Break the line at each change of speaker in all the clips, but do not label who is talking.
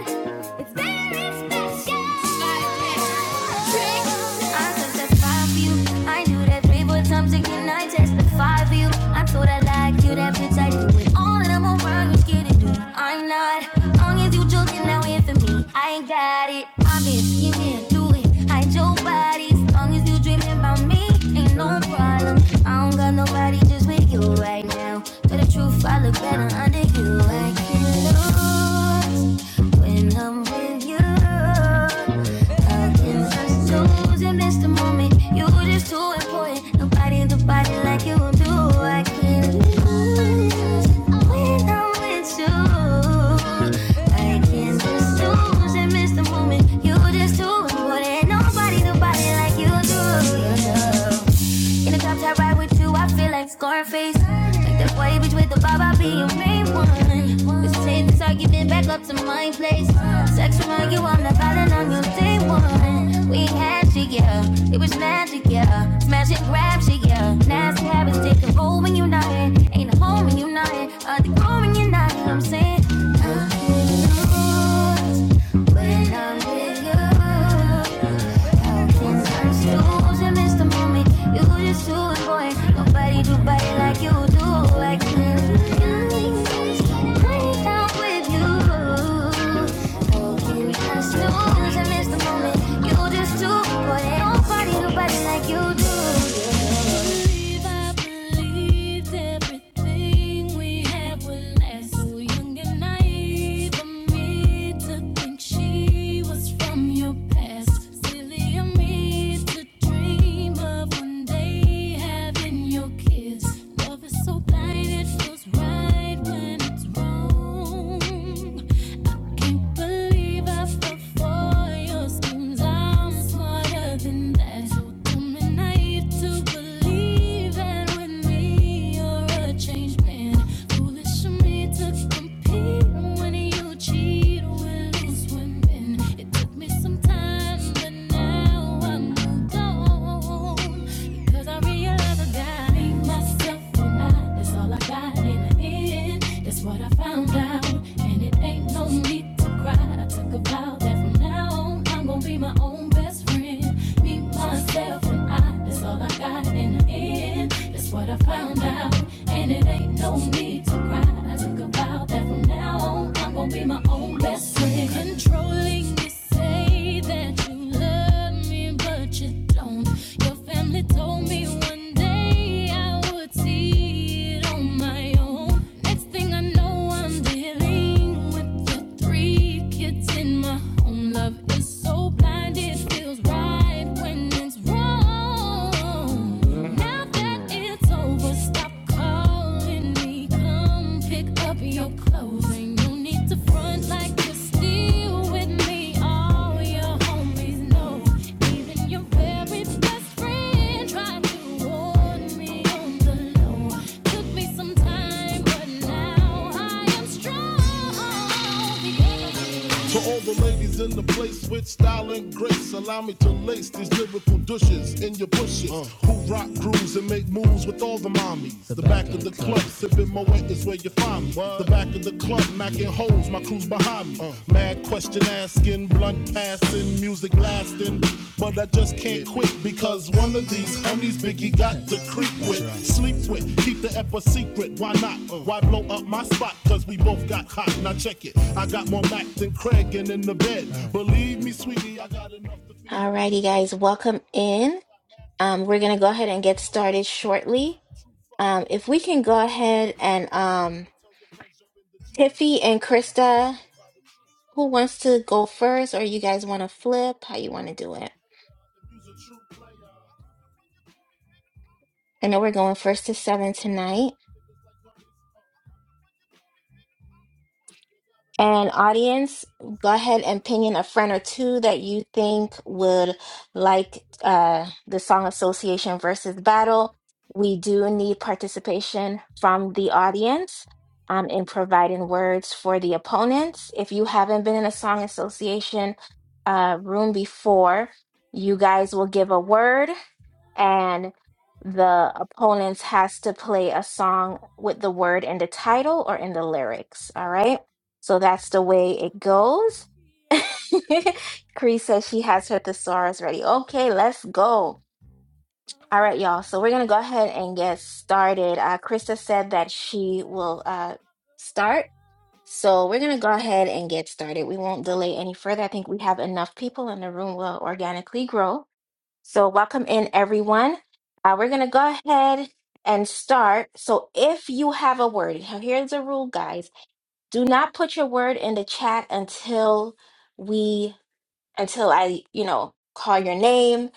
It's very special. I touched for you. I knew that three, four times again. I touched for you. I told I like you, that bitch. I do it all and i around. You scared to do. I'm not. Long as you joking now here for me. I ain't got it. I've been scheming, do it. Hide your body. long as you dreaming about me, ain't no problem. I don't got nobody just with you right now. Tell the truth, I I look better under you, I can lose when I'm with you. I can just lose and miss the moment. You're just too important. Nobody, nobody like you do. I can lose when I'm with you. I can just lose and miss the moment. You're just too important. Nobody, nobody like you do. You do. In a drop top ride with you, I feel like Scarface. Like that boy bitch with the baba, I be your main one. This taste the talk, you back up to my place. Sex remind you, I'm not violent on your day one. We had shit, yeah. It was magic, yeah. Smash and grab shit, yeah. Nasty habits take control when you're not in. Ain't a home when you're not in. A decor when you're not in. I'm saying. I feel When I'm with you, how can I still I miss the to me. You just do it, boy. Nobody do body like you do. Like you. Playing down with you. Broken past news, I miss the moment. You just do it, boy. Nobody do body like you do. If I believed everything we had would last, so young and naive of me to think she was from your past. Silly of me to dream of a did fit when it's people laugh before your schemes. I'm smarter than them, and I to believe when we a changed man. Foolish of me to keep it. Found out, and it ain't no need to cry. I took a vow that from now on I'm gonna be my own best friend. Controlling, you say that you love me, but you don't. Your family told me one day I would see it on my own. Next thing I know, I'm dealing with the three kids in my home. Love is so blind, it feels right when it's wrong. Now that it's it's over. Stop calling me. Come pick up your clothes. Ain't no need to front like you're still with me. All your homies know. Even your very best friend tried to warn me on the low. Took me some time, but now I am strong. The enemy to all the ladies in the place with style and grace, allow me to lace these lyrical douches in your bushes. uh. Who rock grooves and make moves with all the mommies. The, the back, back of the club, club. sipping my wet is where you find me. What? The back of the club, macking holes, my crew's behind me. Uh. Mad question asking, blunt pass music lasting. But I just can't quit because one of these homies Biggie got to creep with, sleep with, keep the F a secret. Why not? Why blow up my spot? Cause we both got hot. Now check it. I got more Mac than Craig and in the bed. Believe me, sweetie, I got enough to feed the.
Alrighty, guys, welcome in. Um, we're gonna go ahead and get started shortly.
True
Um,
fucking
if
players.
we can go ahead and
come
um,
over, tell your friends jump in the GM
Tiffy
quick.
and
I got the
Krista,
chronic by the tree.
who wants to go first, or you guys want to flip? How you want to do it?
If you's a true player.
I know we're going first to seven tonight. And audience, go ahead and pin in a friend or two that you think would like uh, the song association versus battle. We do need participation from the audience um, in providing words for the opponents. If you haven't been in a song association uh, room before, you guys will give a word and the opponents has to play a song with the word in the title or in the lyrics. All right. So that's the way it goes. Cree says she has her thesaurus ready. Okay, let's go. All right, y'all. So we're gonna go ahead and get started. Uh, Krista said that she will uh, start. So we're gonna go ahead and get started. We won't delay any further. I think we have enough people in the room will organically grow. So, welcome in everyone. Uh, we're going to go ahead and start. So, if you have a word, here's a rule, guys do not put your word in the chat until we until I, you know, call your name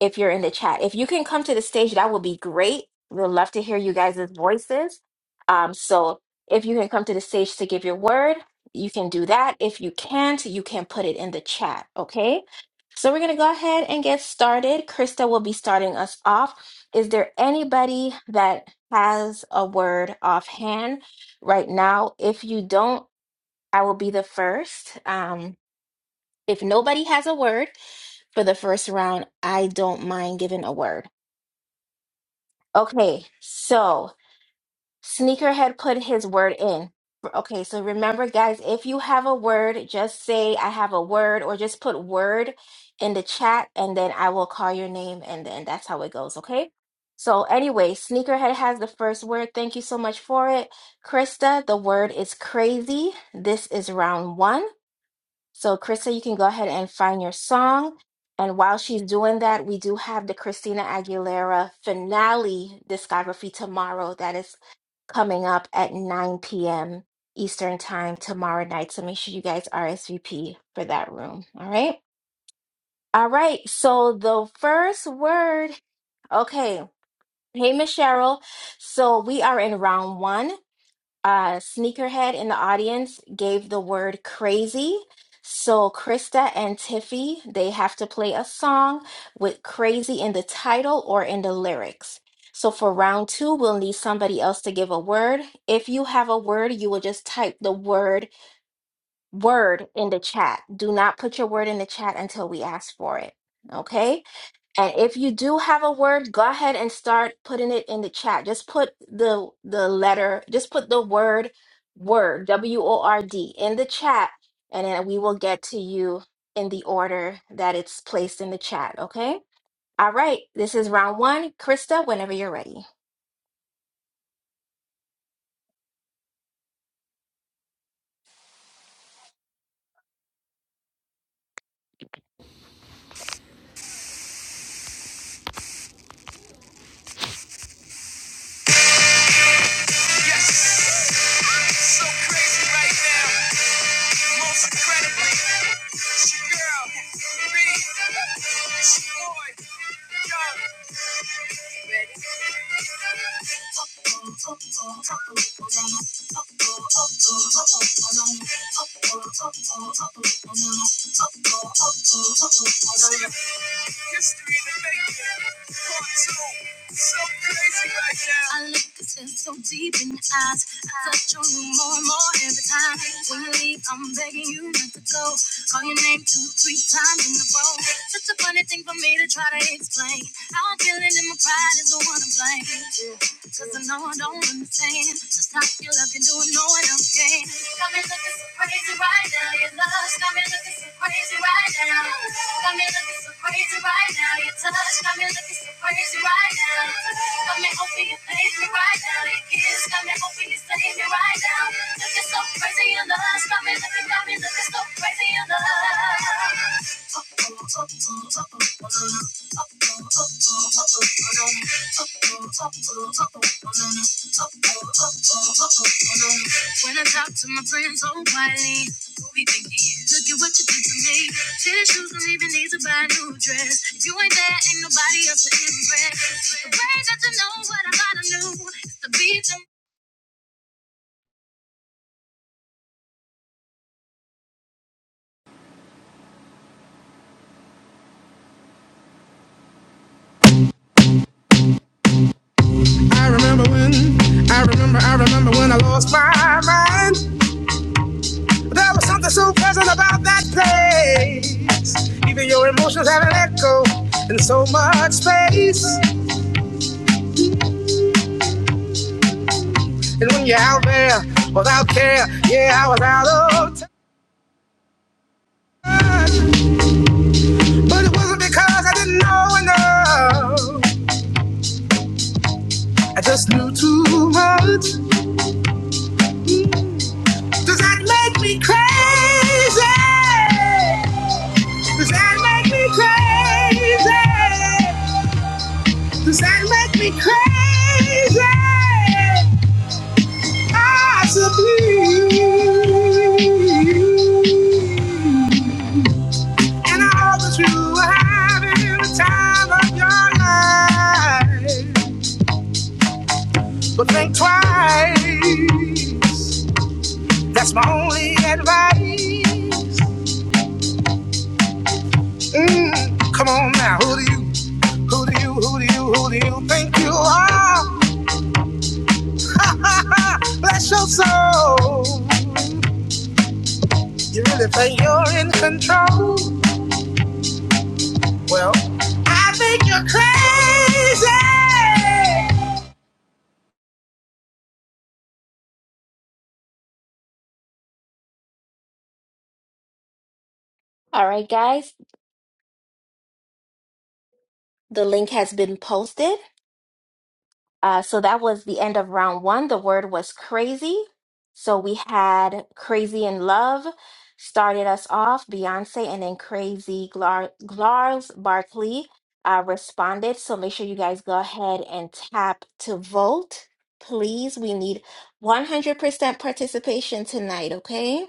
if you're in the chat. If you can come to the stage, that would be great. We'd love to hear you guys' voices. Um, so if you can come to the stage to give your word, you can do that. If you can't, you can put it in the chat, okay? So we're gonna go ahead and get started. Krista will be starting us off. Is there anybody that has a word offhand right now? If you don't, I will be the first. Um, if nobody has a word, for the first round, I don't mind giving a word. Okay, so Sneakerhead put his word in. Okay, so remember, guys, if you have a word, just say I have a word or just put word in the chat and then I will call your name and then that's how it goes, okay? So, anyway, Sneakerhead has the first word. Thank you so much for it. Krista, the word is crazy. This is round one. So, Krista, you can go ahead and find your song. And while she's doing that, we do have the Christina Aguilera finale discography tomorrow that is coming up at 9 p.m. Eastern Time tomorrow night. So make sure you guys RSVP for that room. All right. All right. So, the first word. Okay. Hey, Miss Cheryl. So, we are in round one uh, sneakerhead in the audience gave the word crazy. So Krista and Tiffy, they have to play a song with crazy in the title or in the lyrics. So for round two, we'll need somebody else to give a word. If you have a word, you will just type the word word in the chat. Do not put your word in the chat until we ask for it. Okay? And if you do have a word, go ahead and start putting it in the chat. Just put the the letter, just put the word word, W O R D in the chat and then we will get to you in the order that it's placed in the chat, okay? All right, this is round 1. Krista, whenever you're ready.
Yes, so crazy right now. Most incredibly, it's your girl, B. It's your boy, Young. Ready? So right I look so deep in your eyes. I touch on you more and more every time. When you leave, I'm begging you not to go. Call your name two, three times in a row. Such a funny thing for me to try to explain. How I'm feeling and my pride is the one to blame. Cause I know I don't understand just how your love can do it, no one else can. Got me looking so crazy right now, your love's got me looking so crazy right now. Got me looking so crazy right now, your touch got me looking so crazy right now. Got me hoping you save me right now, your kiss got me hoping you save me right now. Looking so crazy, your love's got me looking, got me looking so crazy, your love. When I talk to my friends so quietly, who we think he is? Look at what you did to me. Tennis shoes don't even need to buy a new dress. If you ain't there, ain't nobody else to impress. The way that you know what I gotta know is to be them.
I remember when, I remember, I remember when I lost my mind. There was something so pleasant about that place. Even your emotions have an echo in so much space. And when you're out there without care, yeah, I was out of touch. But it wasn't because I didn't know enough. I just knew too much. Mm. Does that make me crazy? Does that make me crazy? Does that make me crazy? Possibly. And I hope that you are having the time of your life. But think twice. That's my only advice. Mm, come on now, who do you Who do you, who do you, who do you think you are? Bless your soul. You really think you're in control? Well, I think you're crazy.
All right, guys, the link has been posted. Uh, so that was the end of round one. The word was crazy. So we had Crazy in Love started us off, Beyonce, and then Crazy Glar- Glars Barkley uh, responded. So make sure you guys go ahead and tap to vote. Please, we need 100% participation tonight, okay?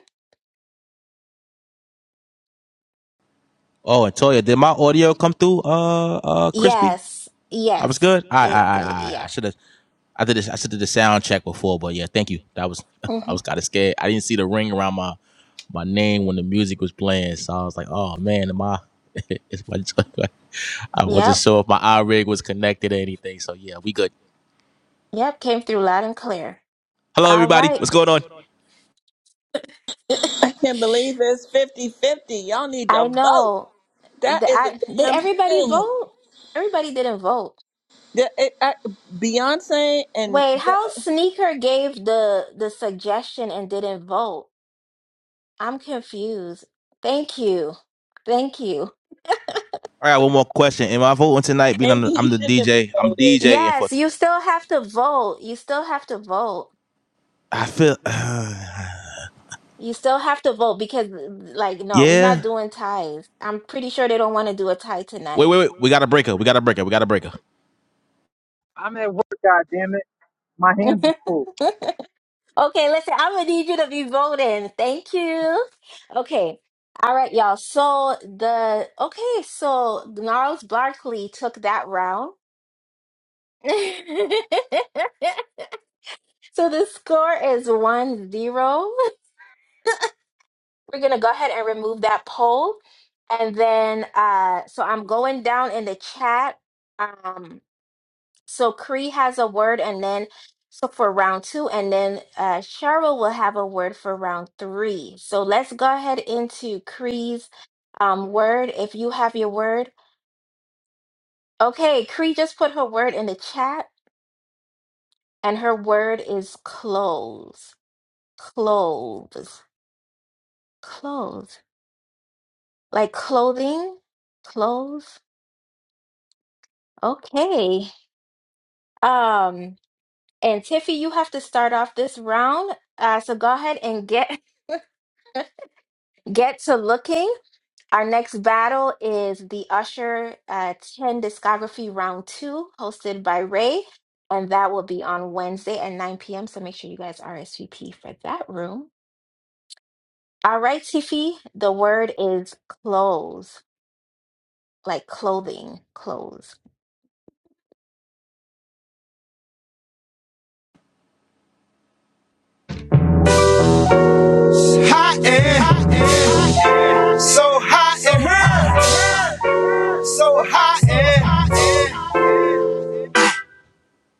Yes, yes. It did, yeah. hmm Yep, yep, came through loud and clear. All right.
Can't believe it's 5050 Y'all need to
I
vote.
know.
That
The,
is a
I, did
damn
everybody
shame.
vote? Everybody didn't vote.
That, it, I, Beyonce and
Wait,
that,
how Sneaker gave the the suggestion and didn't vote? I'm confused. Thank you. Thank you.
maybe he shouldn't have voted.
Yes, you still have to vote. You still have to vote. You still have to vote because like no, we're not doing ties. I'm pretty sure they don't want to do a tie tonight.
I'm at work, God it. My hands are full.
Okay, listen, I'm gonna need you to be voting. Thank you. Okay. All right, y'all. So the okay, so Gnarls Barkley took that round. so the score is one zero. We're gonna go ahead and remove that poll. And then uh so I'm going down in the chat. Um So Cree has a word, and then so for round two, and then uh, Cheryl will have a word for round three. So let's go ahead into Cree's um, word. If you have your word, okay. Cree just put her word in the chat, and her word is clothes, clothes, clothes, like clothing, clothes. Okay. Um, and Tiffy, you have to start off this round. Uh, so go ahead and get get to looking. Our next battle is the Usher uh, 10 Discography Round 2, hosted by Ray. And that will be on Wednesday at 9 p.m. So make sure you guys RSVP for that room. All right, Tiffy, the word is clothes, like clothing, clothes.
High air, high air, so high air, so high air.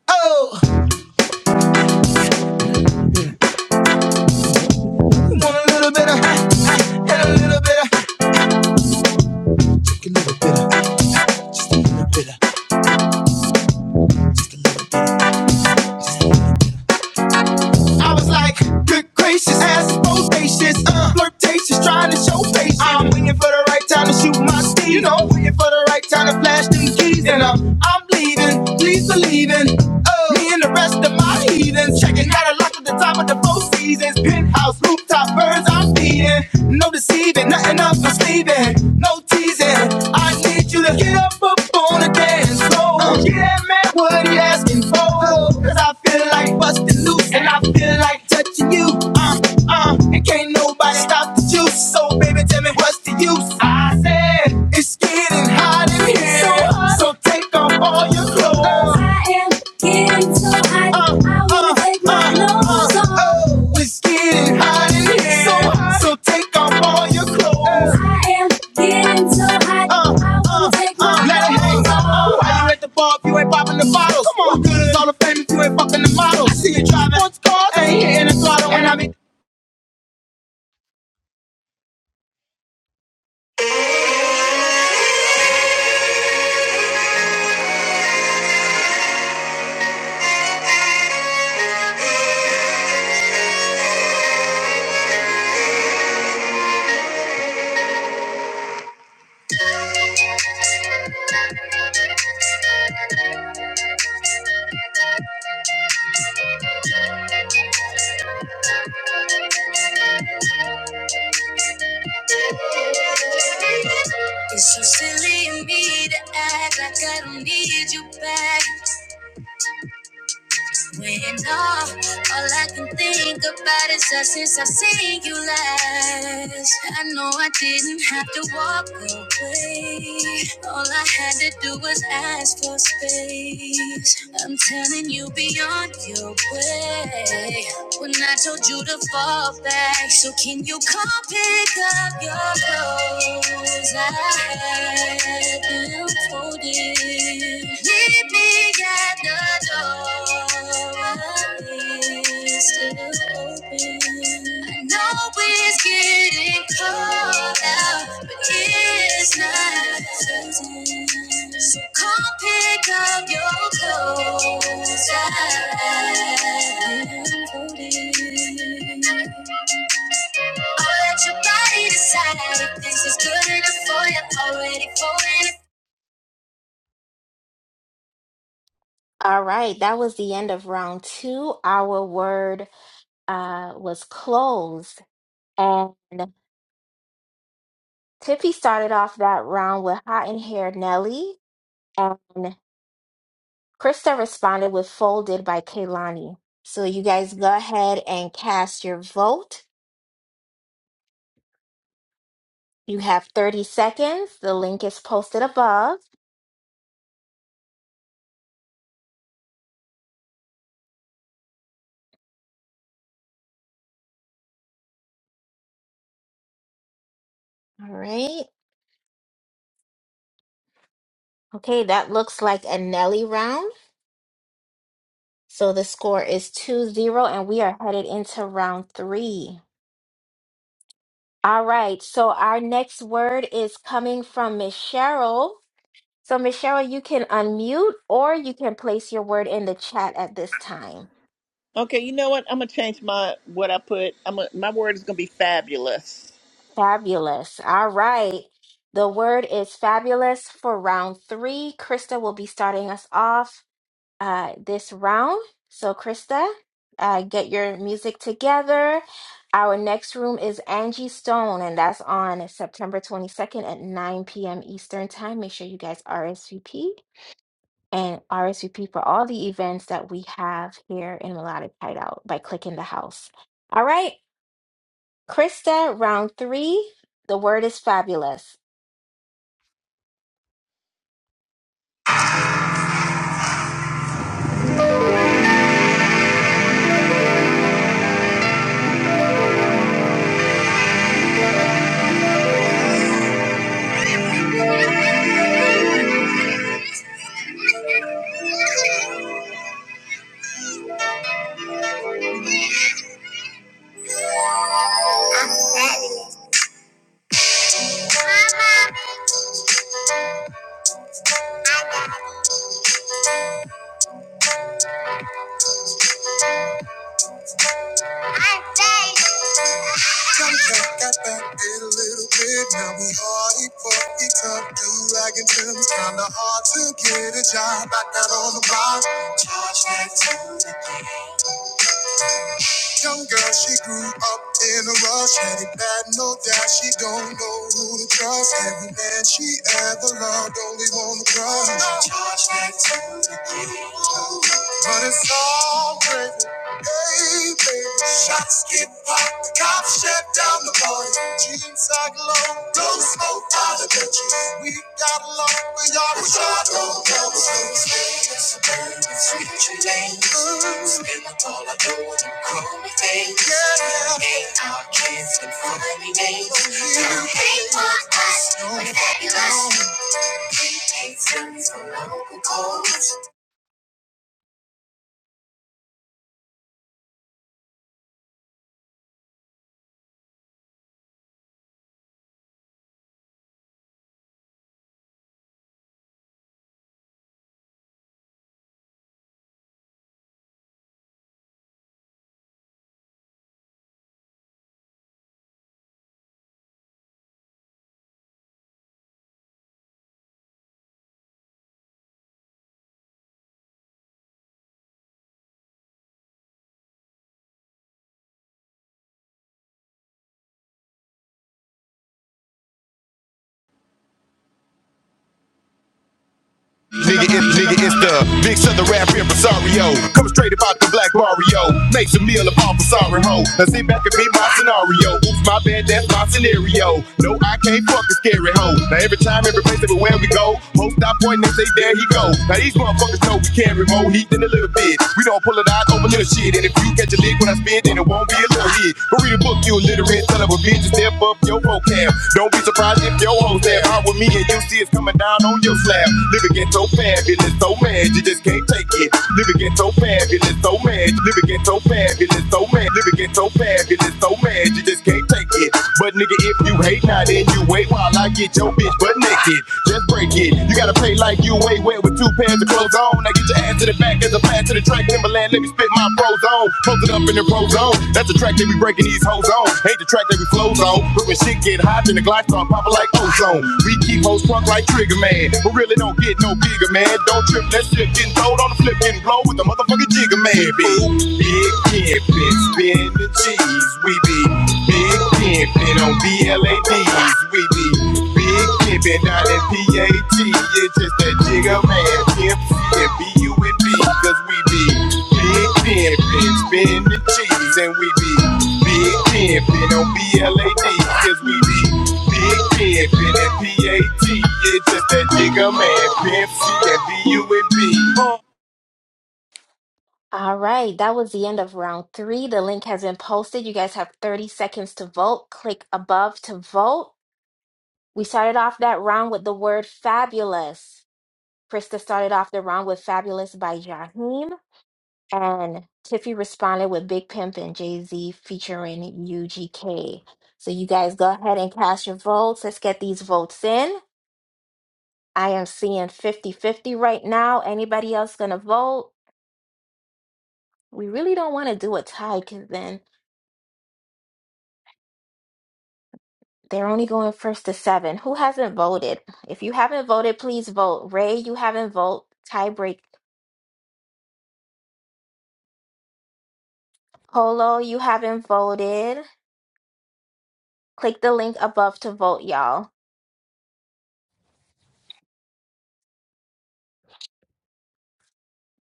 Oh, want a little bit of, high, and a little bit of, a little bit of, a little bit of. Yes, I was like, good gracious, ass is bodacious, uh, flirtatious, trying to show patience. I'm waiting for the right time to shoot my steed. You know, waiting for the right time to flash them keys. And I'm, I'm leaving, please believe in, uh, me and the rest of my heathens. Checking out a lock at the top of the four seasons. Penthouse, rooftop, birds I'm feeding. No deceiving, nothing up my sleeve leaving, no teasing. I need you to get up, up on the dance floor. Get that man, what he' asking for? Cause I feel like busting loose and I feel like touching you. Uh, uh, and can't nobody stop the juice. So, baby, tell me what's the use? I said, it's getting hot in here. So, take off all your clothes. I am getting so high. Uh, I uh, take my uh, uh, nose off. oh, getting So hot. So take off all your clothes. I am getting so hot. Uh, I want take uh, my let it hang. Uh, you at the bar if you ain't popping the bottles? Come on, what good is all the fame if you ain't fucking the models? I see you driving sports cars, ain't hitting the throttle, and I'm
It's so silly of me to act like I don't need you back. When all, all I can think about is us since I seen you last. I know I didn't have to walk away. All I had to do was ask for space. I'm telling you beyond your way. When I told you to fall back, so can you come pick up your clothes? I so come pick up your clothes. I've been folding. I'll your body decide this is good enough for you. I'm already falling.
All right, that was the end of round two. Our word uh, was closed. And Tiffy started off that round with Hot and Hair Nelly. And Krista responded with Folded by Kaylani. So you guys go ahead and cast your vote. You have 30 seconds. The link is posted above. All right. Okay, that looks like a Nelly round. So the score is two zero, and we are headed into round three. All right. So our next word is coming from Miss Cheryl. So Miss Cheryl, you can unmute or you can place your word in the chat at this time.
Okay, you know what? I'm gonna change my what I put. I'm gonna, my word is gonna be fabulous.
Fabulous. All right. The word is fabulous for round three. Krista will be starting us off uh, this round. So Krista, uh, get your music together. Our next room is Angie Stone, and that's on September 22nd at 9 p.m. Eastern Time. Make sure you guys RSVP. and RSVP for all the events that we have here in Melodic Hideout by clicking the house. All right, Krista, round three. The word is fabulous.
Did a little bit, now we hardy, fuck it up, do rag and Tim's, Kinda hard to get a job. I got on the block, charge that to the Young girl, she grew up in a rush, had it bad, no doubt. She don't know who to trust. Every man she ever loved, only wanna crush. But it's all great, hey baby. Shots get popped, the cops shut down the party. Jeans sag low, don't smoke out the bitches. We got along, but y'all was shot. Don't double Switch your name. Call me things. Yeah. Hate our kids and funny names. Turn hate on us. No, We're fabulous. Hate sons for local cause.
Nigga, it, nigga, it's the big southern rap here, Rosario. Come straight about the black Mario. Make some meal upon Rosario hoe. Now sit back and be my scenario. Oops, my bad, that's my scenario. No, I can't fuck a scary hoe. Now every time, every place, everywhere we go, hoes stop pointing and say, there he go. Now these motherfuckers know we carry more heat than a little bit. We don't pull it out over little shit. And if you catch a lick when I spit, then it won't be a little hit. But read a book, you'll you illiterate son of a bitch, step up your vocab. Don't be surprised if your hoes that hard with me and you see it's coming down on your slab. Living get so fabulous, so mad, you just can't take it. Living get so fabulous, so mad. Living get so fabulous, so mad. Living get so fabulous, so mad, you just can't take it it. But nigga, if you hate, now then you wait while I get your bitch butt naked. Just break it. You gotta pay like you ain't wet with two pairs of clothes on. Now get your ass to the back as a plan to the track. Timberland, let me spit my pros on. Post it up in the pro zone. That's the track that we breaking these hoes on. Hate the track that we flows on. But when shit get hot, then the glide start popping like ozone. We keep hoes drunk like Trigger Man. But really don't get no bigger, man. Don't trip, that shit getting throwed on the flip, getting blow with the motherfucking jigger man. Big, big, big, big, spin the cheese. We be Big pimpin' on BLADs, we be big pimpin', not in PAT. It's just that jigger man, pimp C and B-U-N-B, cause we be big pimpin', spin the cheese, and we be big pimpin' on BLADs, cause we be big pimpin' in PAT. It's just that jigger man, pimp C
All right, that was the end of round three. The link has been posted. You guys have 30 seconds to vote. Click above to vote. We started off that round with the word fabulous. Krista started off the round with fabulous by Jaheem. And Tiffy responded with Big Pimp and Jay Z featuring UGK. So you guys go ahead and cast your votes. Let's get these votes in. I am seeing fifty-fifty right now. Anybody else going to vote? We really don't want to do a tie because then they're only going first to seven. Who hasn't voted? If you haven't voted, please vote. Ray, you haven't voted. Tiebreak. Polo, you haven't voted. Click the link above to vote, y'all.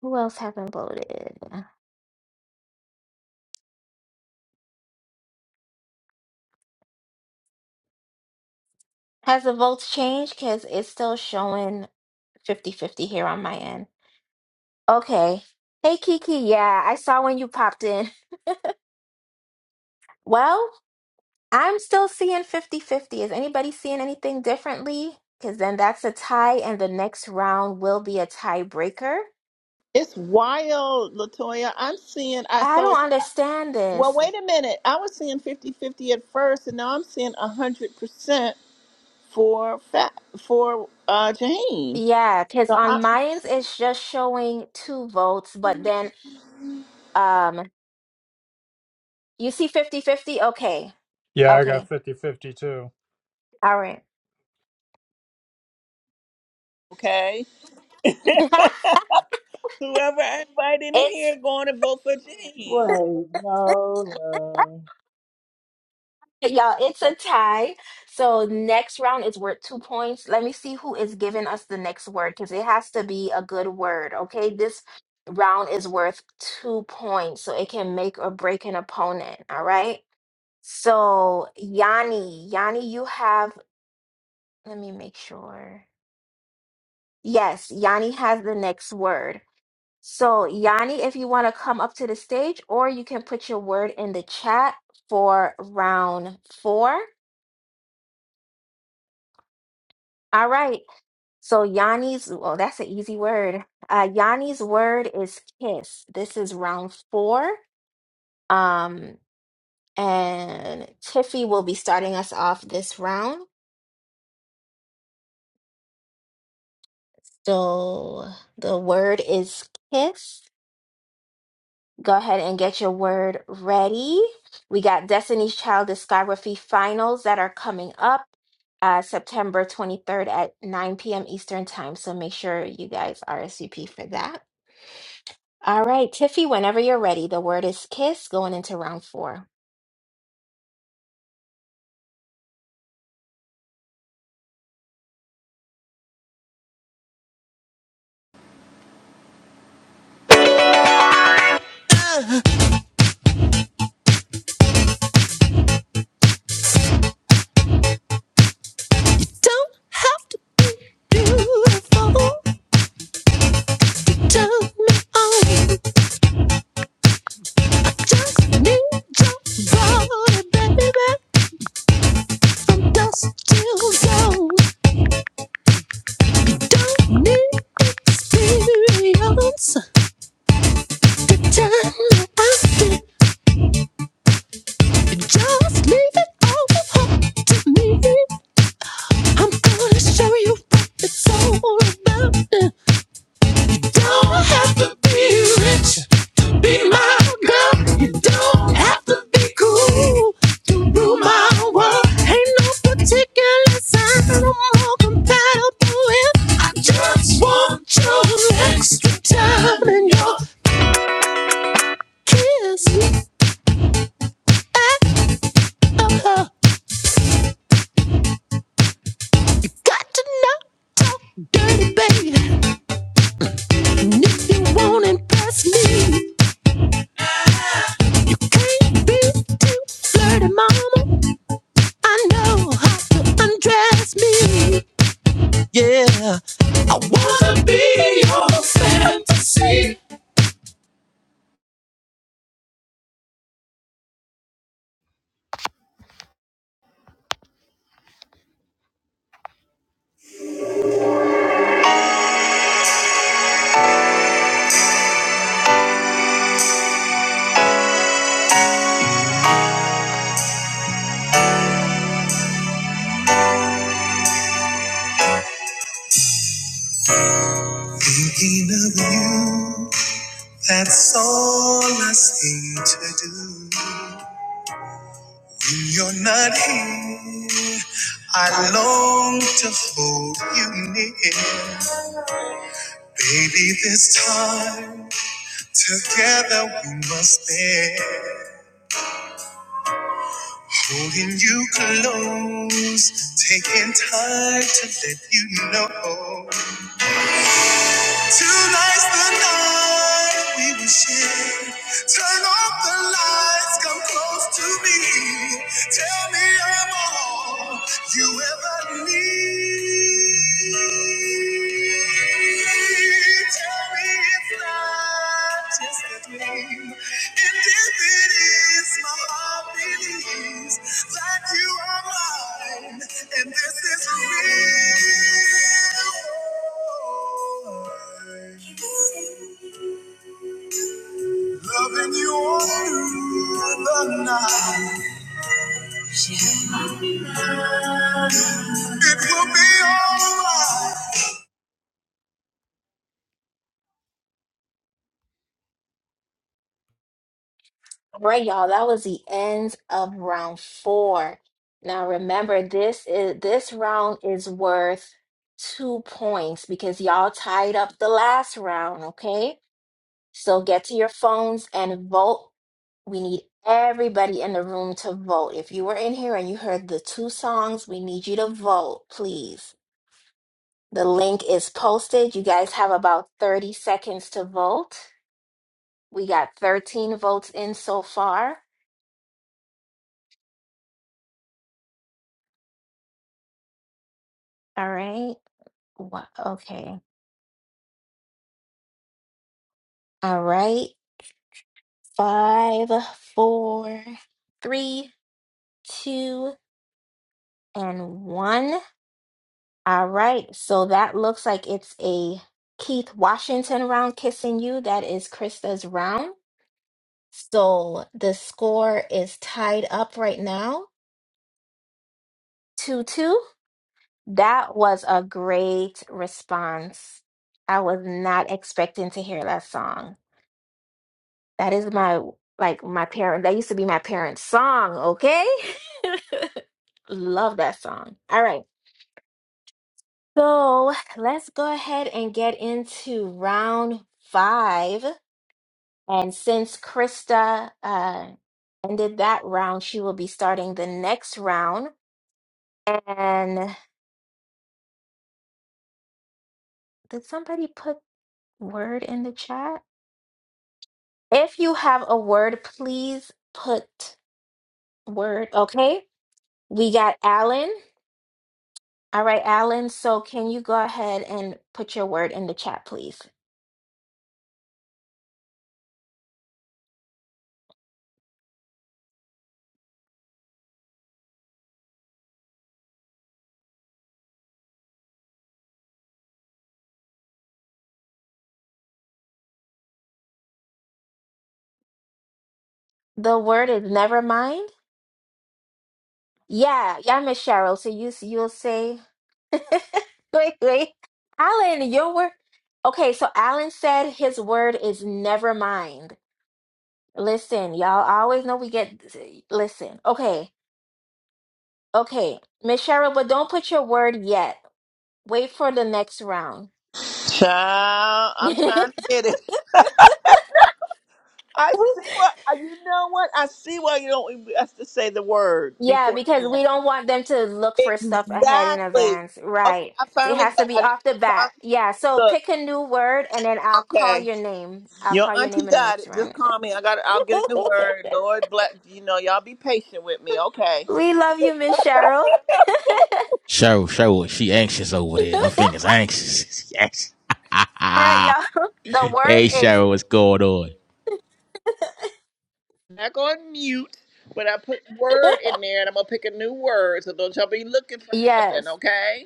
Who else haven't voted? Has the votes changed? Because it's still showing 50 50 here on my end. Okay. Hey, Kiki. Yeah, I saw when you popped in. Well, I'm still seeing 50 50. Is anybody seeing anything differently? Because then that's a tie, and the next round will be a tiebreaker.
It's wild, Latoya. I'm seeing. I
I
saw.
don't understand
Well,
this.
wait a minute. I was seeing fifty-fifty at first, and now I'm seeing 100 percent for fat for uh Jaheim.
Yeah, because
So I,
on mine's it's just showing two votes, but then um, you see 50 50. Okay.
Yeah, I got
Okay.
50 50 too.
All right.
okay. Whoever I invite in
it's.
here going to vote for James.
Wait, no, no.
Y'all, it's a tie. So next round is worth two points. Let me see who is giving us the next word because it has to be a good word. Okay, this round is worth two points, so it can make or break an opponent. All right. So Yanni, Yanni, you have. Let me make sure. Yes, Yanni has the next word. So Yanni, if you want to come up to the stage, or you can put your word in the chat for round four. All right. So Yanni's, well, that's an easy word. Uh, Yanni's word is kiss. This is round four. Um, and Tiffy will be starting us off this round. So the word is kiss. Go ahead and get your word ready. We got Destiny's Child discography finals that are coming up uh, September 23rd at 9 p.m. Eastern Time. So make sure you guys RSVP for that. All right, Tiffy, whenever you're ready, the word is kiss going into round four.
and B-U-N-B. Beautiful, turn me on. Just need your body, baby, from dusk till dawn. Don't need experience to tell you I did. Just leave it all up to me. I'm gonna show you what it's all about. Don't have to be rich. Be my girl, you don't have to be cool to rule my world. Ain't no particular sign I'm more compatible with. I just want your extra time and your kiss. Yeah. Got to not talk dirty, baby. And if you won't impress me, ain't be too flirty, mama. I know how to undress me. Yeah. I wanna be
Thinking of you, that's all I seem to do. When you're not here, I long to hold you near. Baby, this time, together we must bear. Pulling you close, taking time to let you know. Tonight's the night we will share. Turn off the lights, come close to me. Tell me I'm all you ever need. Loving you through the night. It will be alright.
All right, y'all, that was the end of round four. Now remember, this is this round is worth two points because y'all tied up the last round, okay? So get to your phones and vote. We need everybody in the room to vote. If you were in here and you heard the two songs, we need you to vote, please. The link is posted. You guys have about 30 seconds to vote. We got 13 votes in so far. All right. Wha- Okay. All right. Five, four, three, two, and one. All right. So that looks like it's a Keith Washington round kissing you. That is Krista's round. So the score is tied up right now 2 2. That was a great response. I was not expecting to hear that song. That is my like my parent. That used to be my parents' song. Okay, love that song. All right, so let's go ahead and get into round five. And since Krista uh, ended that round, she will be starting the next round. And did somebody put word in the chat? If you have a word, please put word. Okay, we got Alan. All right, Alan. So can you go ahead and put your word in the chat, please? The word is never mind. Yeah, yeah, Miss Cheryl. So you you'll say wait, wait. Alan, your word. Okay, so Alan said his word is never mind. Listen, y'all I always know we get listen. Okay, okay. Miss Cheryl, but don't put your word yet. Wait for the next round.
Child, I'm
we
trying to get it. I see what you know. What I see why you don't have to say the word
Yeah,
beforehand.
because we don't want them to look for stuff ahead in
Exactly.
advance.
Okay,
Right.
I
So it
finally
has to be
got it.
off the
I
bat.
finally
Yeah. So
look.
pick a new word and then I'll call
Okay,
your name. I'll
your
call your
auntie
name in the
got
next
it. Just
round.
call me. I got. it. I'll get it the word. Lord bless. You know, y'all be patient with me. Okay.
we love you, Miss Cheryl. All right, y'all. The word is
Back on mute, but I put word in there, and I'm gonna pick a new word. So don't y'all be looking for heaven.
yes.
Okay.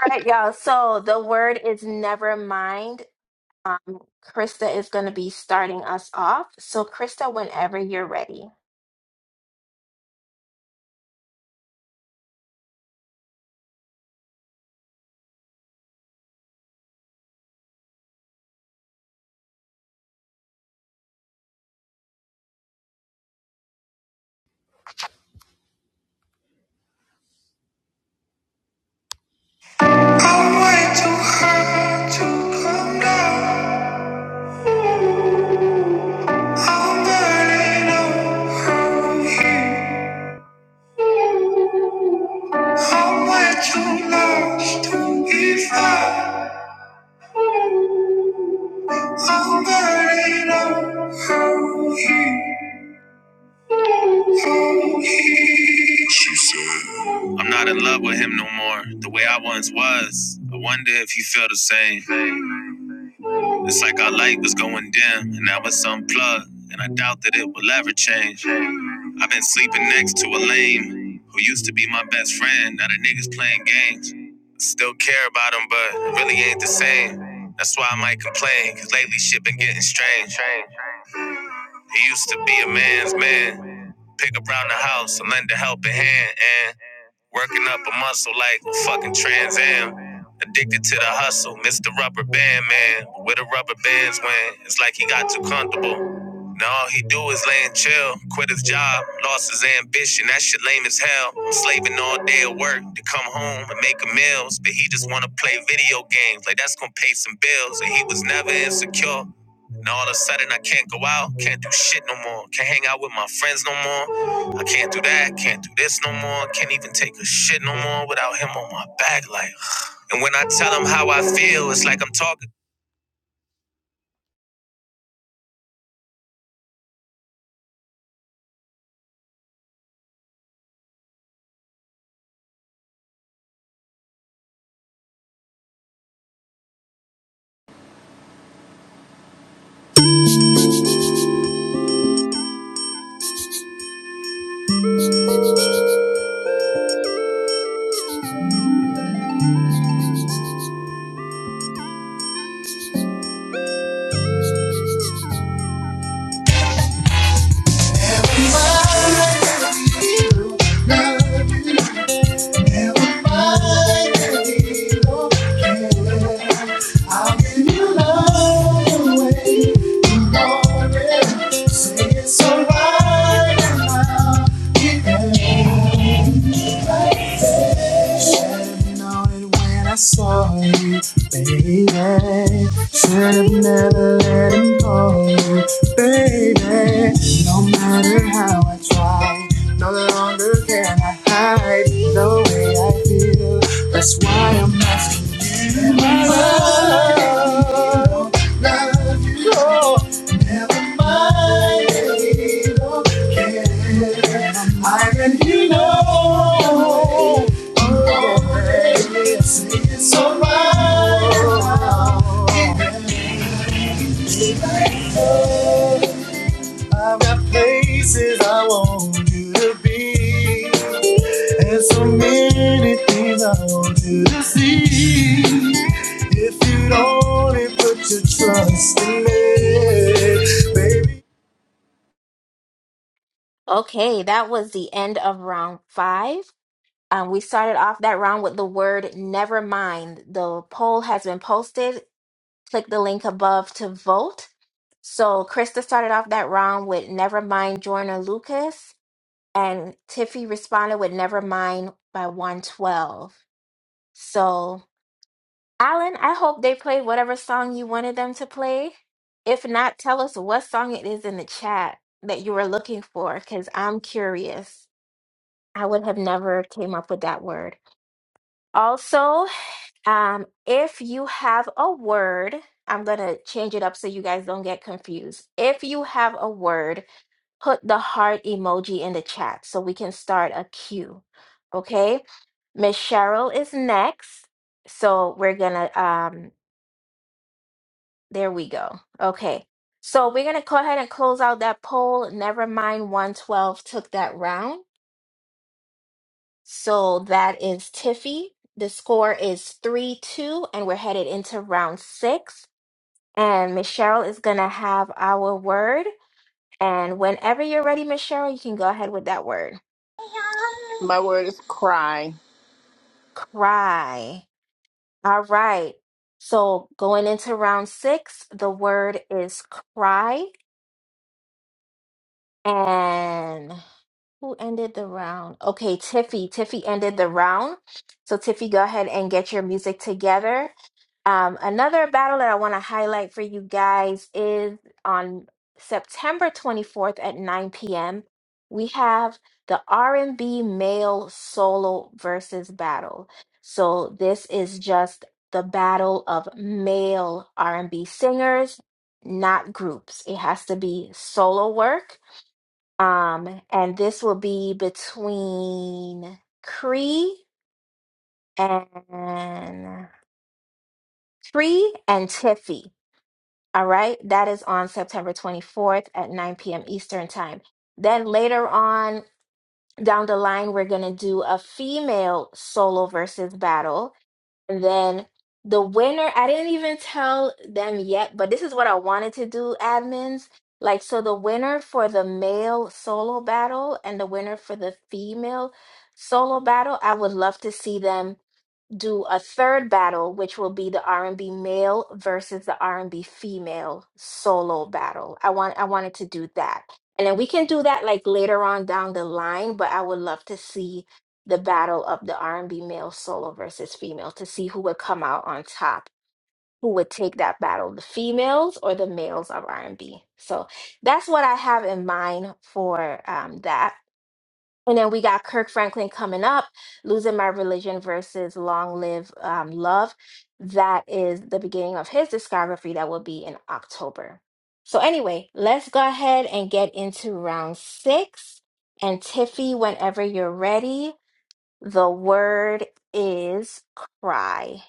All right, y'all. So the word is never mind. Um, Krista is going to be starting us off. So, Krista, whenever you're ready.
I'm way too hurt to come down. I'm burning up. How much you lost if I already know he I'm not in love with him no more, the way I once was. I wonder if he feel the same. It's like our light was going dim, and now it's unplugged, and I doubt that it will ever change. I've been sleeping next to a lame who used to be my best friend. Now the niggas playing games. Still care about him, but it really ain't the same. That's why I might complain, cause lately shit been getting strange. He used to be a man's man. Pick around the house and lend a helping hand. And Working up a muscle like fucking Trans Am. Addicted to the hustle, Mr. Rubber Band Man. Where the rubber bands went, it's like he got too comfortable. Now all he do is lay and chill. Quit his job, lost his ambition. That shit lame as hell. I'm slaving all day at work to come home and make a meals. But he just wanna play video games, like that's gonna pay some bills. And he was never insecure. And all of a sudden I can't go out, can't do shit no more. Can't hang out with my friends no more. I can't do that, can't do this no more, can't even take a shit no more without him on my back. Like, and when I tell him how I feel, it's like I'm talking.
your alone. I've got places I want you to be, and so many things I want you to see. If you'd only put your trust in me, baby,
Okay, that was the end of round five. Um, we started off that round with the word never mind. The poll has been posted. Click the link above to vote. So Krista started off that round with never mind Joyner Lucas, and Tiffy responded with never mind by 112. So, Alan, I hope they played whatever song you wanted them to play. If not, tell us what song it is in the chat that you were looking for, because I'm curious. I would have never came up with that word. Also, um, if you have a word, I'm going to change it up so you guys don't get confused. If you have a word, put the heart emoji in the chat so we can start a queue. Okay? Miss Cheryl is next. So we're going to, um, there we go. Okay. So we're going to go ahead and close out that poll. Never mind 112 took that round. So that is Tiffy. The score is 3 2, and we're headed into round six. And Miss Cheryl is going to have our word. And whenever you're ready, Miss Cheryl, you can go ahead with that word
My word is cry.
cry. All right. So going into round six, the word is cry. And who ended the round? Okay, Tiffy. Tiffy ended the round. So, Tiffy, go ahead and get your music together Um, another battle that I want to highlight for you guys is on September 24th at 9 p.m. We have the R&B male solo versus battle. So this is just the battle of male R&B singers, not groups. It has to be solo work. Um, and this will be between Cree and Cree and Tiffy. All right, that is on September 24th at 9 p.m. Eastern Time. Then later on down the line, we're going to do a female solo versus battle. And then the winner, I didn't even tell them yet, but this is what I wanted to do, admins. Like, so the winner for the male solo battle and the winner for the female solo battle, I would love to see them do a third battle, which will be the R&B male versus the R&B female solo battle. I want I wanted to do that. And then we can do that like later on down the line, but I would love to see the battle of the R&B male solo versus female to see who would come out on top, who would take that battle, the females or the males of R&B. So that's what I have in mind for um, that. And then we got Kirk Franklin coming up, Losing My Religion versus Long Live um, Love. That is the beginning of his discography that will be in October. So, anyway, let's go ahead and get into round six. And Tiffy, whenever you're ready, the word is cry.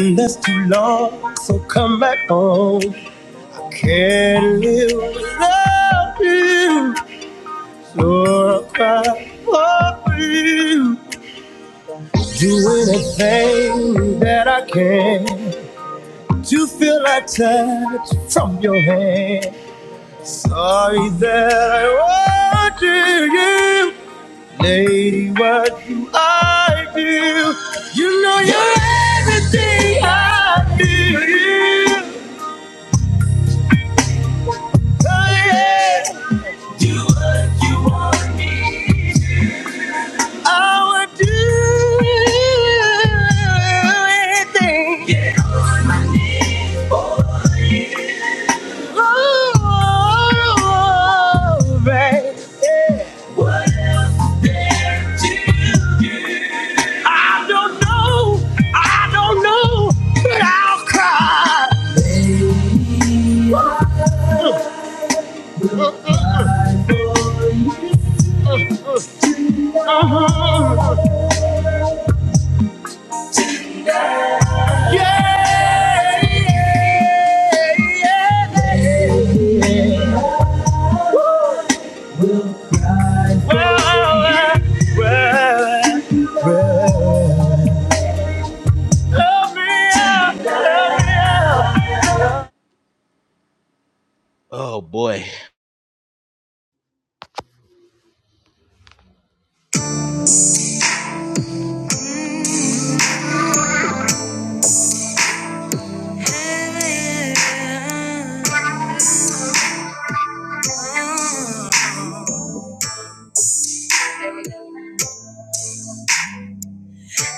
and that's too long. So come back home. Can't live without you. So I cry for you. Do anything that I can. to feel a touch from your hand. Sorry that I wanted you, lady. What do I do? You're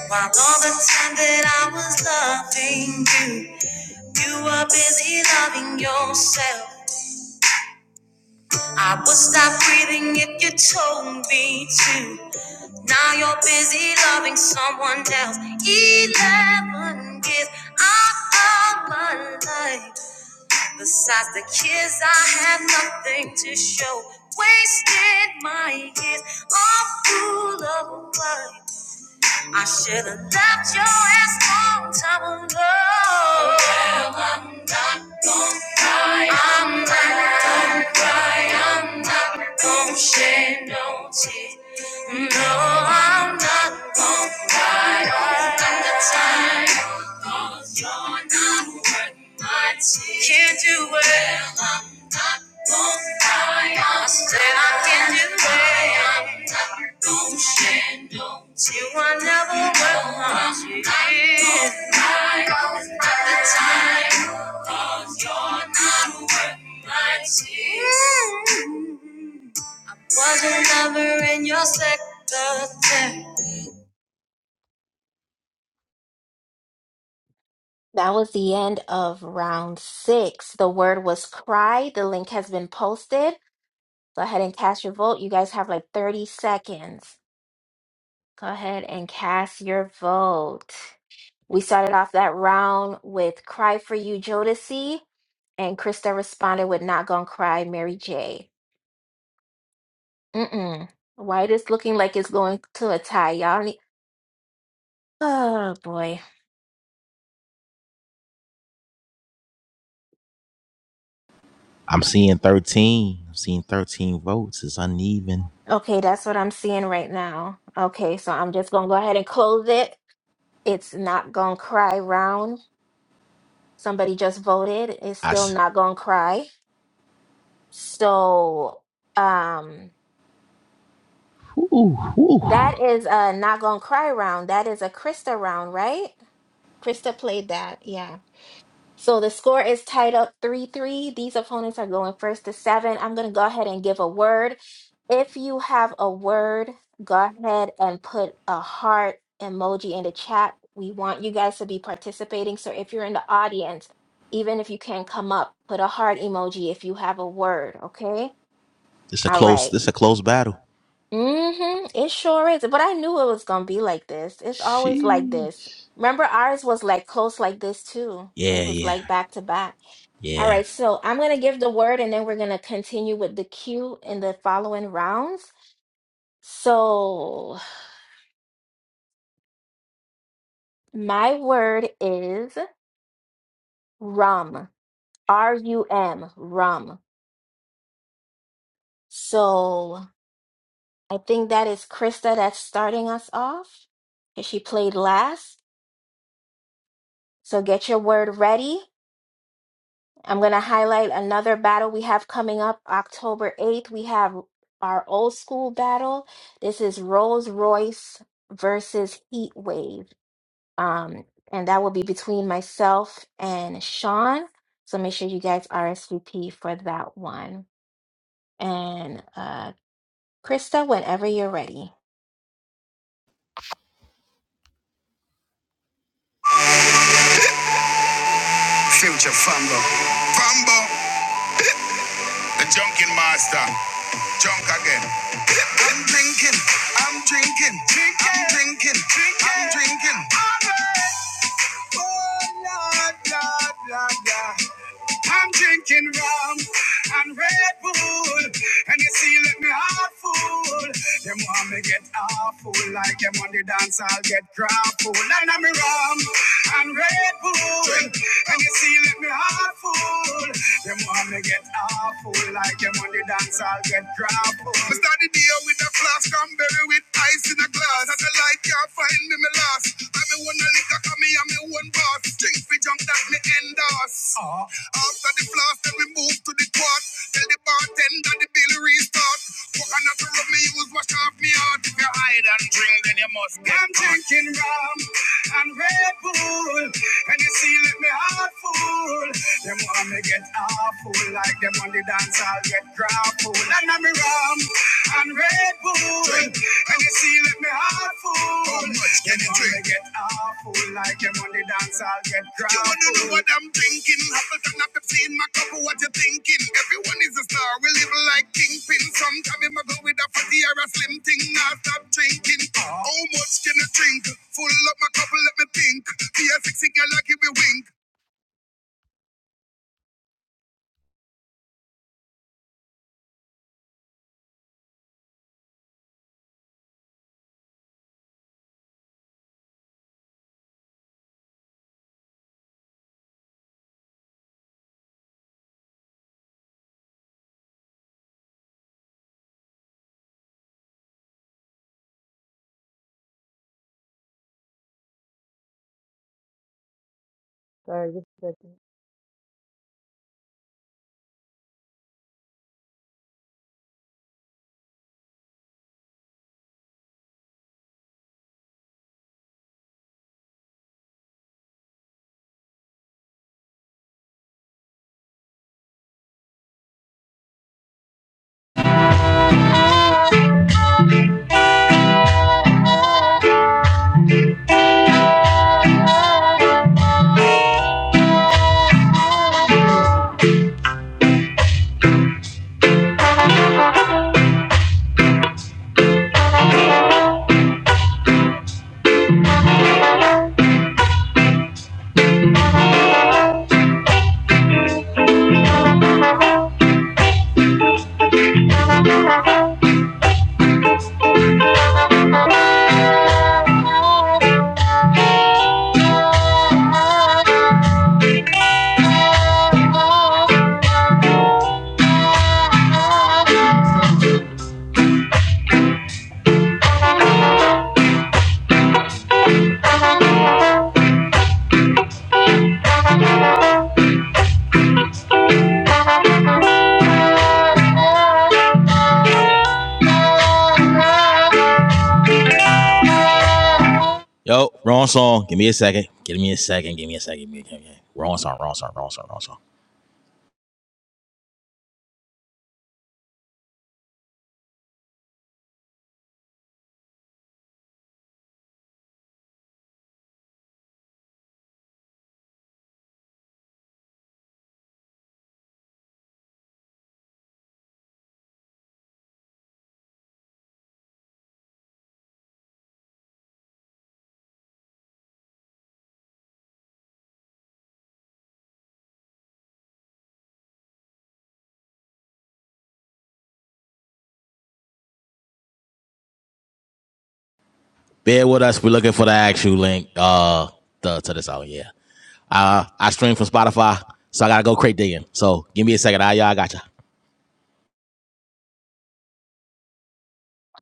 While all the time that I was loving you, you were busy loving yourself. I would stop breathing if you told me to. Now you're busy loving someone else. Eleven years out of my life. Besides the kids, I have nothing to show. Wasted my years, all full of life. I should have left your ass long time ago. Well, I'm not gonna die. I'm not. I'm not gonna shed no tears. No, I'm not gonna cry all the time. 'Cause You're not worth my tears. Can't do it. Well, I'm not gonna cry. I said I can't do it. Well, I'm not gonna shed no tears. You are never worth my No, tears. 'cause You're not worth my tears. Wasn't never in your sector
That was the end of round six. The word was cry. The link has been posted. Go ahead and cast your vote. You guys have like 30 seconds. Go ahead and cast your vote. We started off that round with Cry for You, Jodeci, and Krista responded with Not Gonna Cry, Mary J. Mm-mm. White is looking like it's going to a tie. Y'all need. Oh boy. Okay, that's what I'm seeing right now. Okay, so I'm just gonna go ahead and close it. It's Not Gonna Cry round. Somebody just voted. It's still Not Gonna Cry. So, um, That is a not gonna cry round. That is a Krista round, right? Krista played that, yeah. So the score is tied up 3-3. These opponents are going first to seven. I'm gonna go ahead and give a word. If you have a word, go ahead and put a heart emoji in the chat. We want you guys to be participating. So if you're in the audience, even if you can't come up, put a heart emoji if you have a word, okay? All right hmm It sure is. But I knew it was gonna be like this. It's always like this. Remember, ours was like close like this too. It was like back to back. All right, so I'm gonna give the word and then we're gonna continue with the cue in the following rounds. So my word is rum. R-U-M, rum. So I think that is Krista that's starting us off. 'cause She played last. So get your word ready. I'm going to highlight another battle we have coming up October 8th. We have our old school battle. This is Rolls Royce versus Heat Wave. Um, and that will be between myself and Sean. So make sure you guys RSVP for that one. And uh, Krista, whenever you're ready.
Future Fambo. Fambo, the junkin master. Junk again. I'm drinking, I'm drinking, I'm drinking, I'm drinking. Oh, Lord, Lord, Lord, Lord. I'm drinking rum and Red Bull, and you see, let me heart full. Them want me get awful, like them on the dance, I'll get grappled. And I'm rum and Red Bull, and you see, let me heart full. Them want me get awful, like them on the dance, I'll get grappled. I start the day with a flask, I'm berry with ice in a glass. That's a light, can't find me till me last. I me one a liquor, cause me and me one boss. Drink fi junk that me endorse. Ah. After the floss, then we move to the quart. Tell the bartender the bill restart. Coconut to rub me use, wash off me heart. If you hide and drink, then you must get I'm caught. drinking rum and Red Bull. And you see, let me heart full. Them want me get awful, like them on the dance, I'll get grappled and I'm rum and Red Bull. Drink. And you see, let me heart full. How much can you drink? Get awful like them on the dance, I'll get drunk. You wanna know what I'm thinking? Apple turn up seen. my cup, what you thinking? Everyone is a star, we live like kingpin. Sometimes you might go with a fatty or a slim thing, now stop drinking. How much can you drink? Full up my cup, let me think. Be a sexy girl, I give me wink.
Sorry, just a second.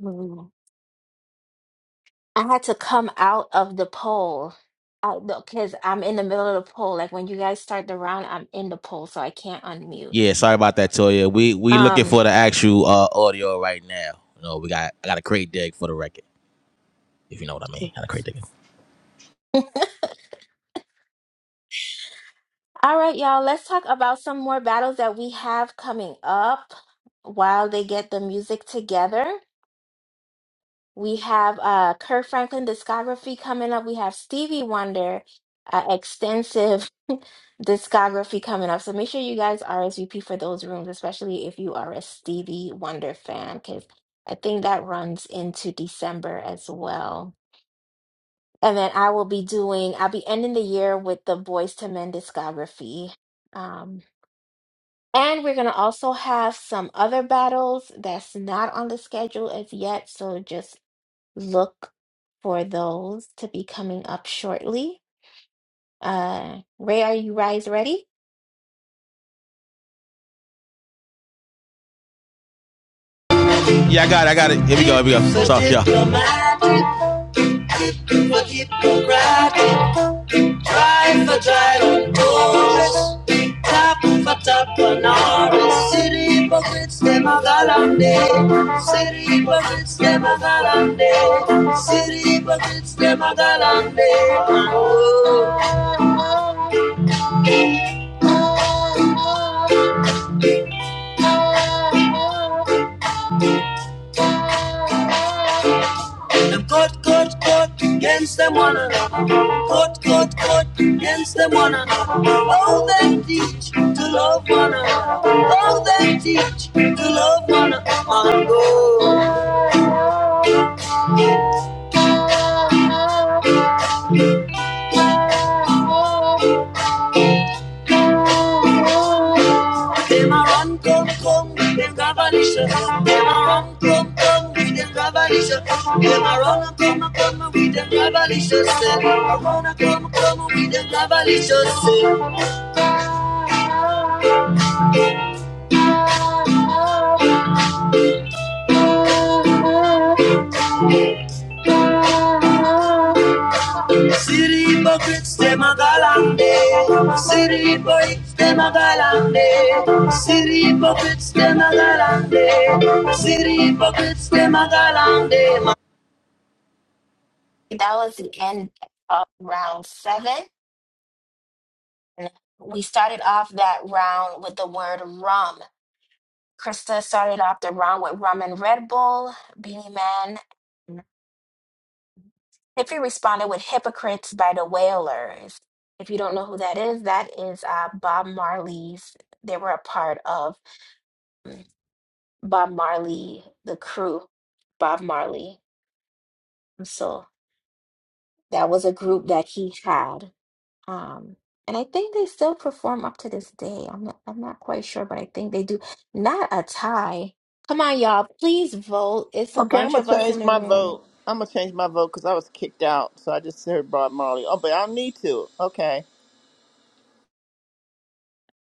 Mm. I had to come out of the poll because I'm in the middle of the poll. Like when you guys start the round, I'm in the poll, so I can't unmute. Um,
Hold on, me. Had a great day.
All right, y'all, let's talk about some more battles that we have coming up while they get the music together. We have uh, Kurt Franklin discography coming up. We have Stevie Wonder uh, extensive discography coming up. So make sure you guys RSVP for those rooms, especially if you are a Stevie Wonder fan, because I think that runs into December as well. And then I will be doing, I'll be ending the year with the Boys to Men discography. Um, And we're going to also have some other battles that's not on the schedule as yet. So just look for those to be coming up shortly. Uh, Ray, are you guys ready?
City boy, stay my galante. City boy, stay my galante. City boy, stay my galante. City boy, stay my galante.
That was the end of round seven. We started off that round with the word rum. Krista started off the round with rum and Red Bull, Beanie Man. Tippy responded with Hypocrites by the Wailers. If you don't know who that is, that is uh, Bob Marley's. They were a part of Bob Marley, the crew, Bob Marley. So that was a group that he had. Um, and I think they still perform up to this day. I'm not, I'm not quite sure, but I think they do. Not a tie. Come on, y'all. Please vote. It's a
Okay, I'm
bunch
gonna
of us
change
in the
my
room.
vote. I'm gonna change my vote because I was kicked out, so I just heard Bob Marley. Oh, but I don't need to. Okay,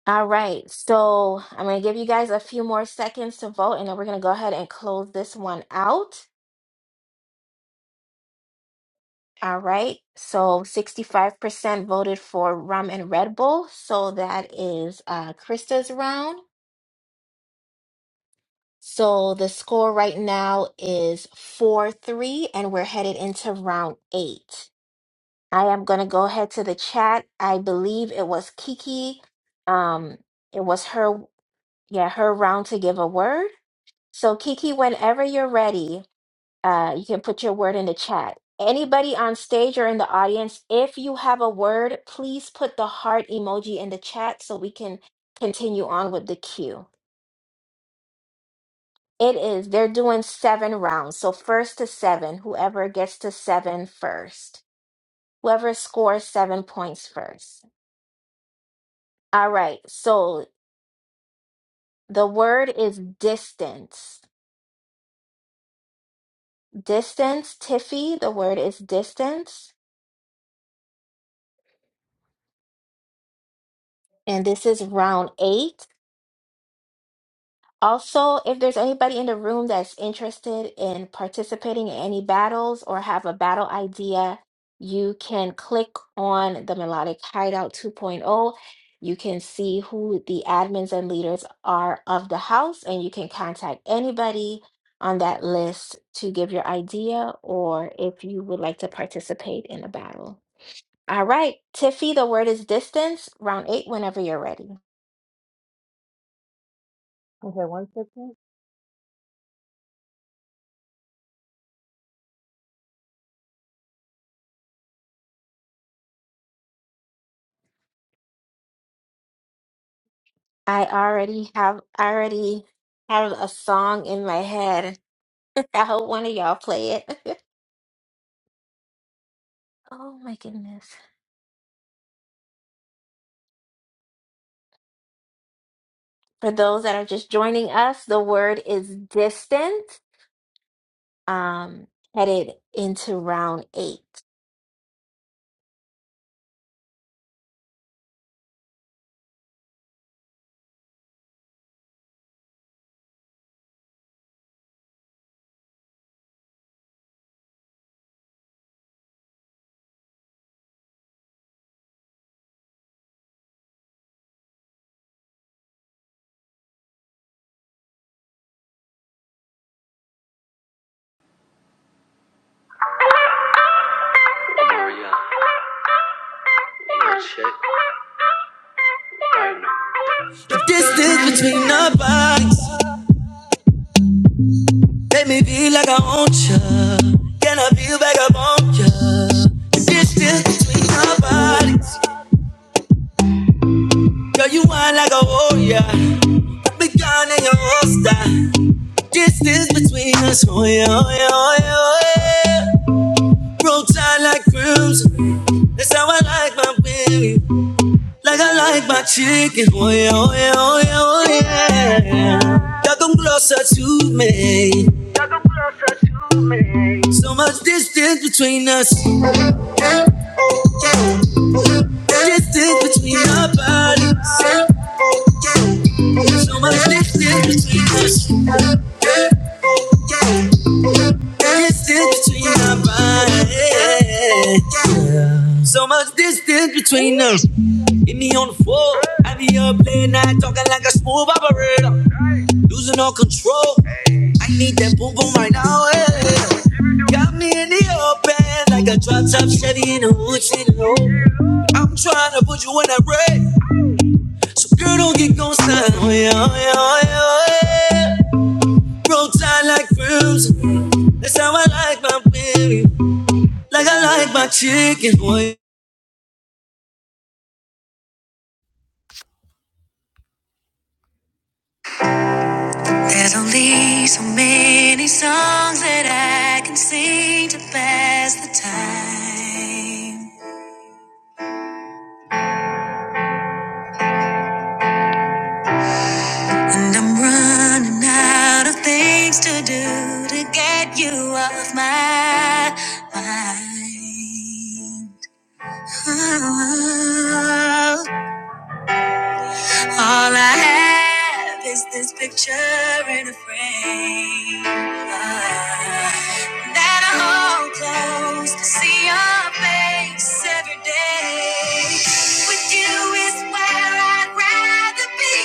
All right, so I'm going to give you guys a few more seconds to vote, and then we're going to go ahead and close this one out. All right, so 65% voted for rum and Red Bull, so that is uh, Krista's round. So the score right now is 4-3, and we're headed into round eight. I am going to go ahead to the chat. I believe it was Kiki. Um, it was her, yeah, her round to give a word. So Kiki, whenever you're ready, Uh, you can put your word in the chat. Anybody on stage or in the audience, if you have a word, please put the heart emoji in the chat so we can continue on with the queue. It is, they're doing seven rounds. So first to seven, whoever gets to seven first, whoever scores seven points first. All right. So the word is distance. Distance, Tiffy, the word is distance. And this is round eight. Also, if there's anybody in the room that's interested in participating in any battles or have a battle idea, you can click on the Melodic Hideout 2.0. You can see who the admins and leaders are of the house, and you can contact anybody on that list to give your idea or if you would like to participate in a battle. All right, Tiffy, the word is distance, round eight, whenever you're ready.
Okay, one second.
I already have I already have a song in my head. I hope one of y'all play it. oh my goodness. For those that are just joining us, the word is distant. Um headed into round 8.
The Distance between our bodies. Make me feel like I want you. Can I feel like I want you? The distance between our bodies. Girl, you whine like a warrior. I've been gone in your holster. Distance between us. Oh, yeah, oh, yeah, oh, yeah, oh, yeah. Roll tight like crimson. That's how I like my baby. Like I like my chicken. Oh, yeah, oh, yeah, oh, yeah, oh, yeah. Y'all come closer to me. So much distance between us. Distance between our bodies. So much distance between us. Distance between our bodies. So much distance between us. Hit me on the floor. I be up late night talking like a smooth operator. Losing all control. I need that boom boom right now. eh. Got me in the open like a drop top Chevy in a hood. in a I'm trying to put you in that red. So girl, don't get gon' sign. Oh yeah, oh yeah, oh yeah, oh yeah. Roll tide like fruits. That's how I like my baby. Like I like my chicken, boy.
There's only so many songs that I can sing to pass the time. And I'm running out of things to do to get you off my mind. Oh, All I have is this picture in a frame ah, that I hold close to see your face every day. With you is where I'd rather be,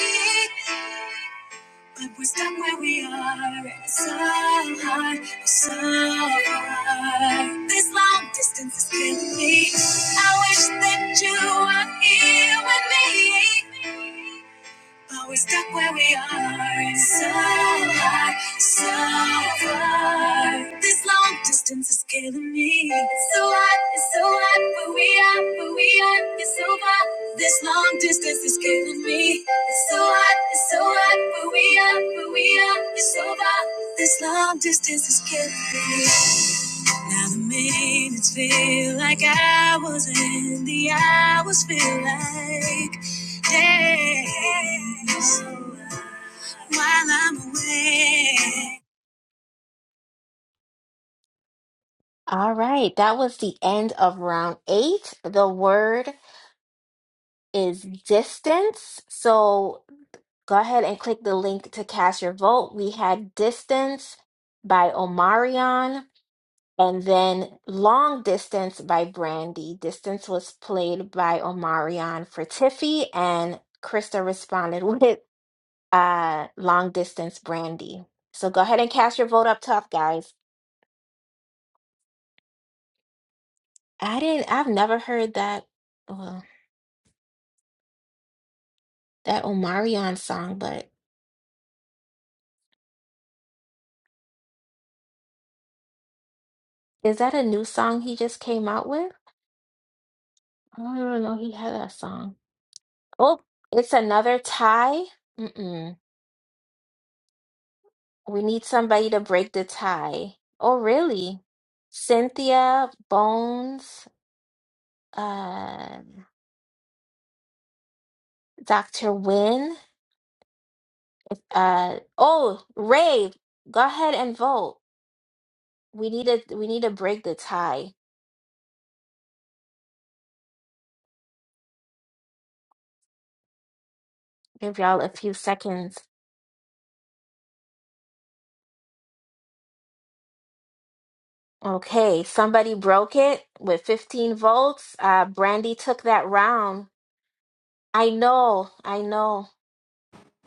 but we're stuck where we are. and It's so hard, it's so hard. This long distance is killing me. I wish that you were here with me. But we stuck where we are. so hard, so far. This long distance is killing me. It's so hot, it's so hot. But we are, but we are. It's so far. This long distance is killing me. It's so hot, it's so hot. But we are, but we are. It's so far. This long distance is killing me. Now the minutes feel like hours and the hours feel like days while I'm away.
All right, that was the end of round 8. The word is distance. So go ahead and click the link to cast your vote. We had distance by Omarion. And then Long Distance by Brandy. Distance was played by Omarion for Tiffy, and Krista responded with uh, Long Distance Brandy. So go ahead and cast your vote up top, guys. I didn't, I've never heard that, well, that Omarion song, but is that a new song he just came out with? I don't even know he had that song. Oh, it's another tie. Mm-mm. We need somebody to break the tie. Oh, really? Cynthia, Bones, uh, Dr. Wynn, uh, oh, Ray, go ahead and vote. We need to we need to break the tie. Give y'all a few seconds. Okay, somebody broke it with 15 votes. Uh, Brandy took that round. I know, I know.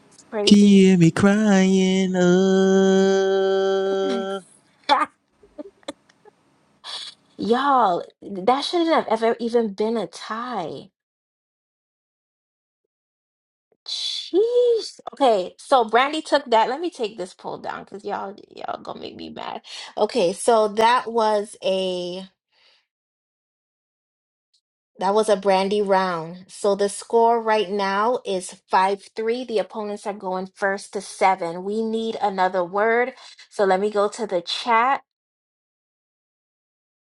It's crazy. Y'all, that shouldn't have ever even been a tie. Jeez. Okay, so Brandy took that. Let me take this poll down because y'all y'all gonna make me mad. Okay, so that was a that was a Brandy round. So the score right now is five three. The opponents are going first to seven. We need another word. So let me go to the chat.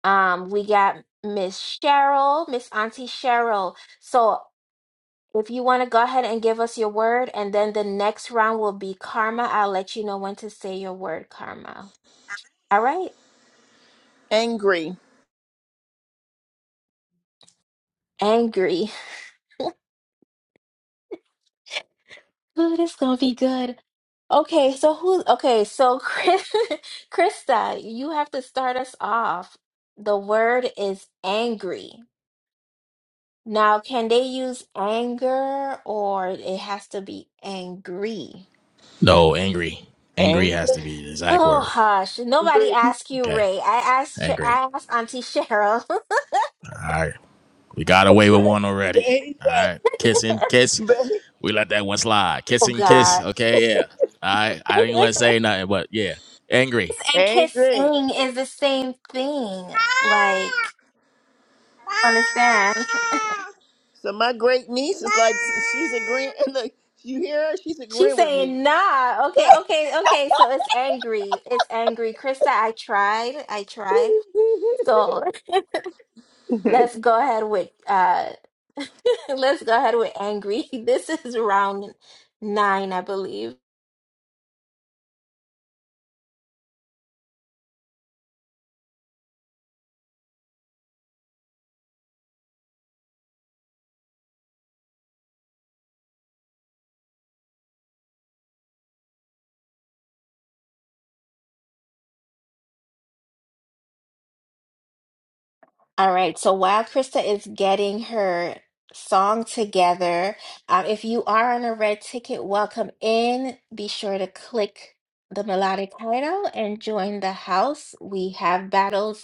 Um, we got Miss Cheryl, Miss Auntie Cheryl. So If you want to go ahead and give us your word, and then the next round will be karma. I'll let you know when to say your word, karma. All right?
angry,
Angry. Ooh, this gonna be good. Okay, so who? Okay, so Chris, Krista, you have to start us off. The word is angry. Now, can they use anger or it has to be angry?
angry,
Oh, hush. Nobody
angry,
asked you,
Okay,
Ray. I asked, Ch-
angry.
I asked Auntie Cheryl.
All right, we got 'em already. All right,
angry.
kiss and kiss. We let that one slide. Kiss
Oh
and
God.
kiss. Okay, yeah. All right, I think
Kiss
let's yeah three.
and
angry.
kissing is the same thing. Like, I don't understand.
So my great niece is like, she's agreeing. Look, you hear her? She's
She's
agreeing with me.
saying nah. Okay, okay, okay. So it's angry. It's angry. Krista, I tried. I tried. So let's go ahead with uh let's go ahead with angry. This is round nine, I believe. All right, so while Krista is getting her song together, um, if you are on a red ticket, welcome in. Be sure to click the melodic title and join the house. We have battles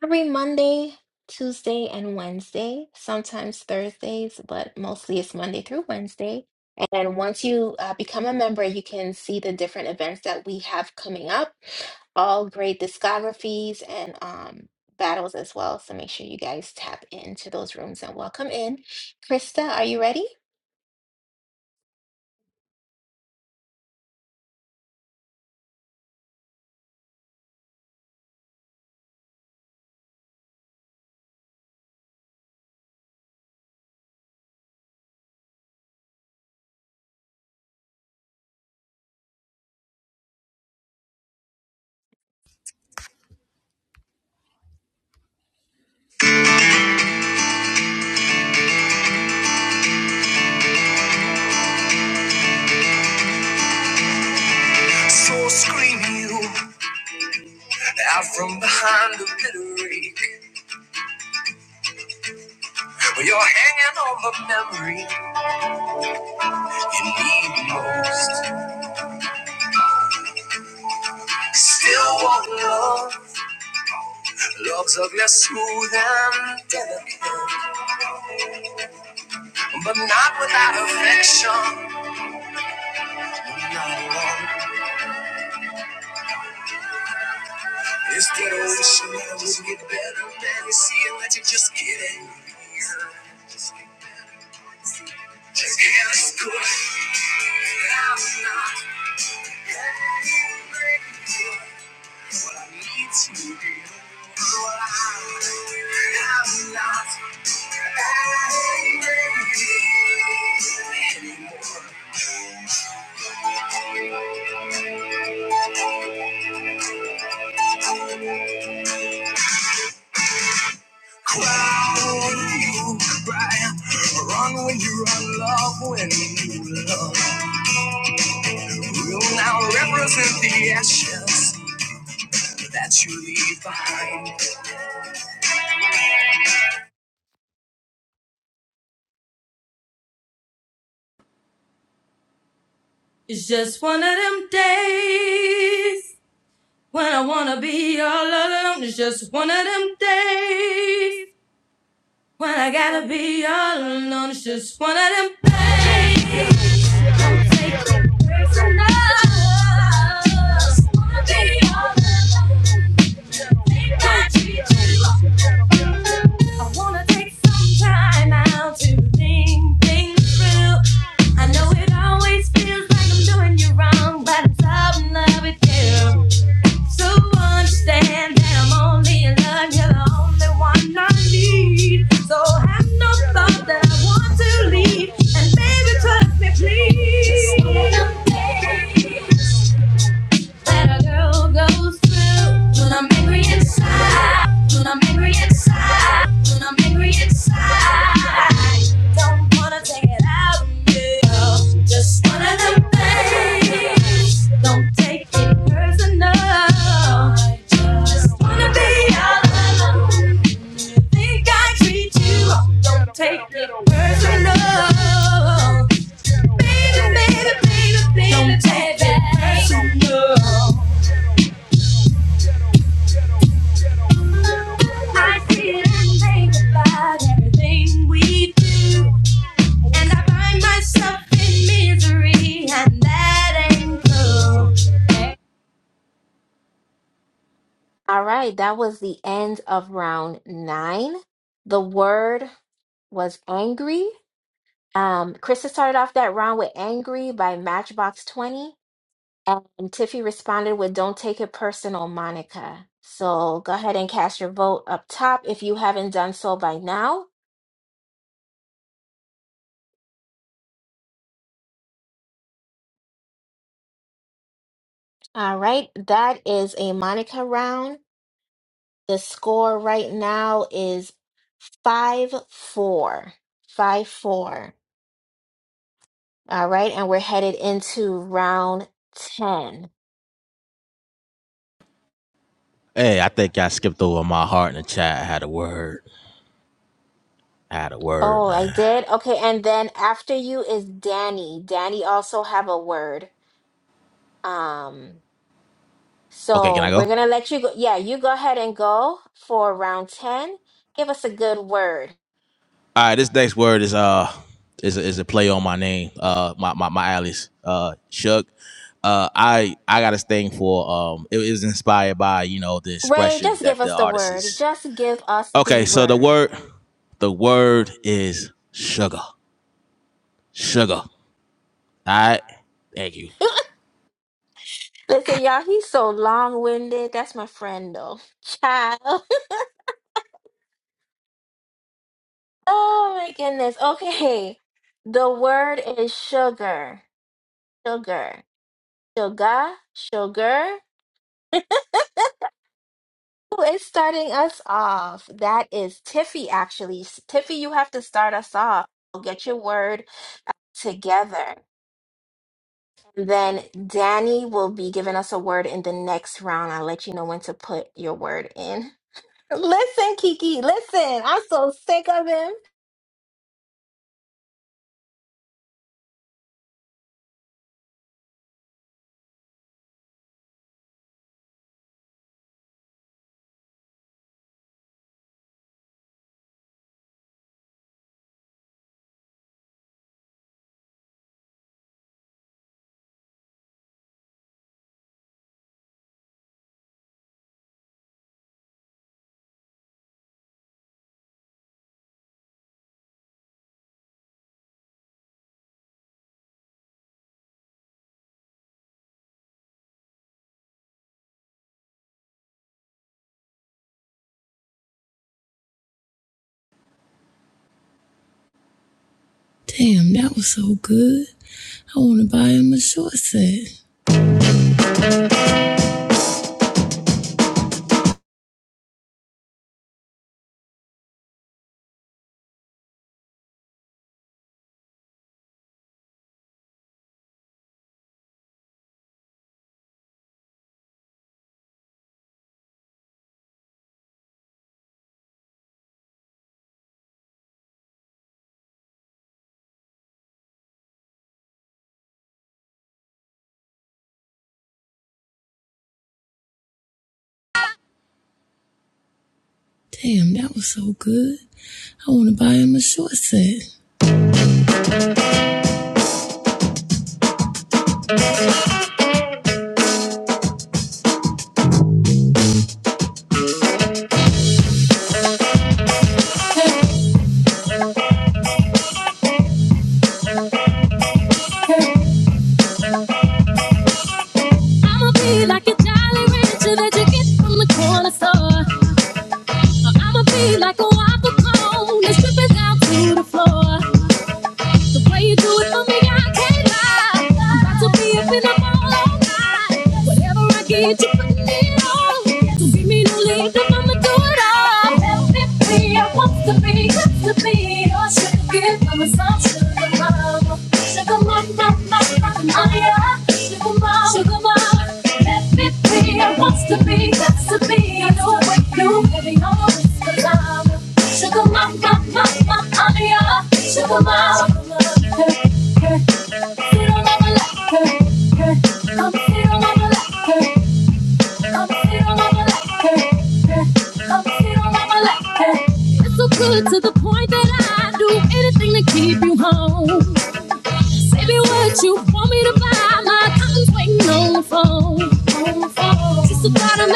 Every Monday, Tuesday, and Wednesday, sometimes Thursdays, but mostly it's Monday through Wednesday. And once you uh, become a member, you can see the different events that we have coming up, all great discographies and um, battles as well. So make sure you guys tap into those rooms and welcome in. Krista, are you ready?
So scream you out from behind the bitter ache, with your hand on the memory you need most. Still won't love, love's ugly, smooth and delicate, but not without affection. Not alone. It's that old shit it will get better, man. You see it, let you just get it. Just get better. Just get out of school. I'm not angry. What I need to do. What I- I'm not angry. Cry when you cry. Run when you run, love when you love. You now represent the ashes that you leave behind.
It's just one of them days when I wanna be all alone. It's just one of them days When I gotta be all alone, it's just one of them things. Don't take it personal. Just wanna be all alone. Think I treat you. I wanna take some time out to think things through. I know it always feels like I'm doing you wrong, but I'm so in love with you. So understand that I'm only in love, you're the only one I need. So have no thought that I want to leave. And baby, trust me, please that a girl goes through when I'm angry inside. When I'm angry inside. When I'm angry inside. Don't wanna take it out on you. Just one of them things. Don't take it personal. I just wanna be all alone. Think I treat you wrong. Don't take it personal. Baby, baby, baby, baby, don't take it personal. I sit and think about everything we do, and I find myself in misery, and that ain't cool.
All right, that was the end of round nine. The word was angry. Um, Krista started off that round with Angry by Matchbox 20. And Tiffy responded with Don't Take It Personal, Monica. So go ahead and cast your vote up top if you haven't done so by now. All right, that is a Monica round. The score right now is 5 4. 5 4. All right, and we're headed into round 10. Oh, I did? Okay, and then after you is Danny. Danny also have a word. Um, so we're gonna let you go. Yeah, you go ahead and go for round 10. Give us a good word. Ray, just give us the word. Just give us the word. Listen, y'all, he's so long winded. That's my friend, though. Child. Oh my goodness. Okay. The word is sugar. Sugar. Sugar. Sugar. Who is starting us off? That is Tiffy, actually. S- Tiffy, you have to start us off. Get your word together. And then Danny will be giving us a word in the next round. I'll let you know when to put your word in. Listen, Kiki, listen. I'm so sick of him.
Damn, that was so good. I want to buy him a short set. I'ma be like a Jolly Rancher that you get from the corner store. I'ma be like a waffle cone that's dripping down to the floor. The way you do it for me, I can't lie. I'm about to be up in the mall all night. Whatever I get, you put it on. So give me no leave, no mama, do it all. Let me be, I want to be, good to be. Or should I give mama some sugar mama? Sugar mama, I am sugar mama, sugar mama. Let me be, I want to be, that's to be. I know what you I know it's Sugar mama, mama, I am sugar mama. Hey, hey, feel like a light, hey, hey. I'm feeling like a light, I'ma sit all on my like I'ma sit all on my like It's so good to the point that I do anything to keep you home. Say me what you want me to buy. My cousin's waiting on the phone. On the phone. Just a thought of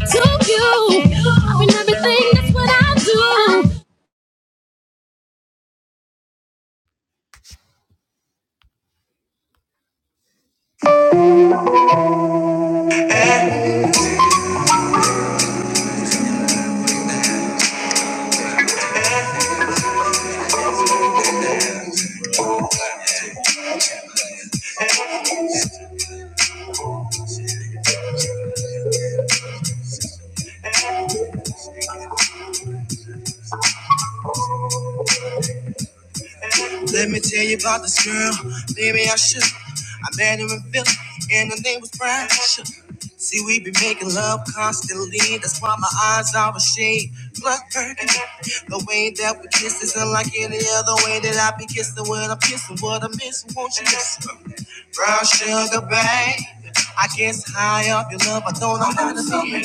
to you. I've been everything, that's what I do.
Let me tell you about this girl, Maybe I should. I met her in Philly, and her name was Brian. Shook. See, we be making love constantly. That's why my eyes are a shade. Blood burning. The way that we kiss is unlike any other way that I be kissing. What I'm kissing, what I'm missing, won't you listen? Brown sugar, babe. I guess high up your love, I don't know how to love it.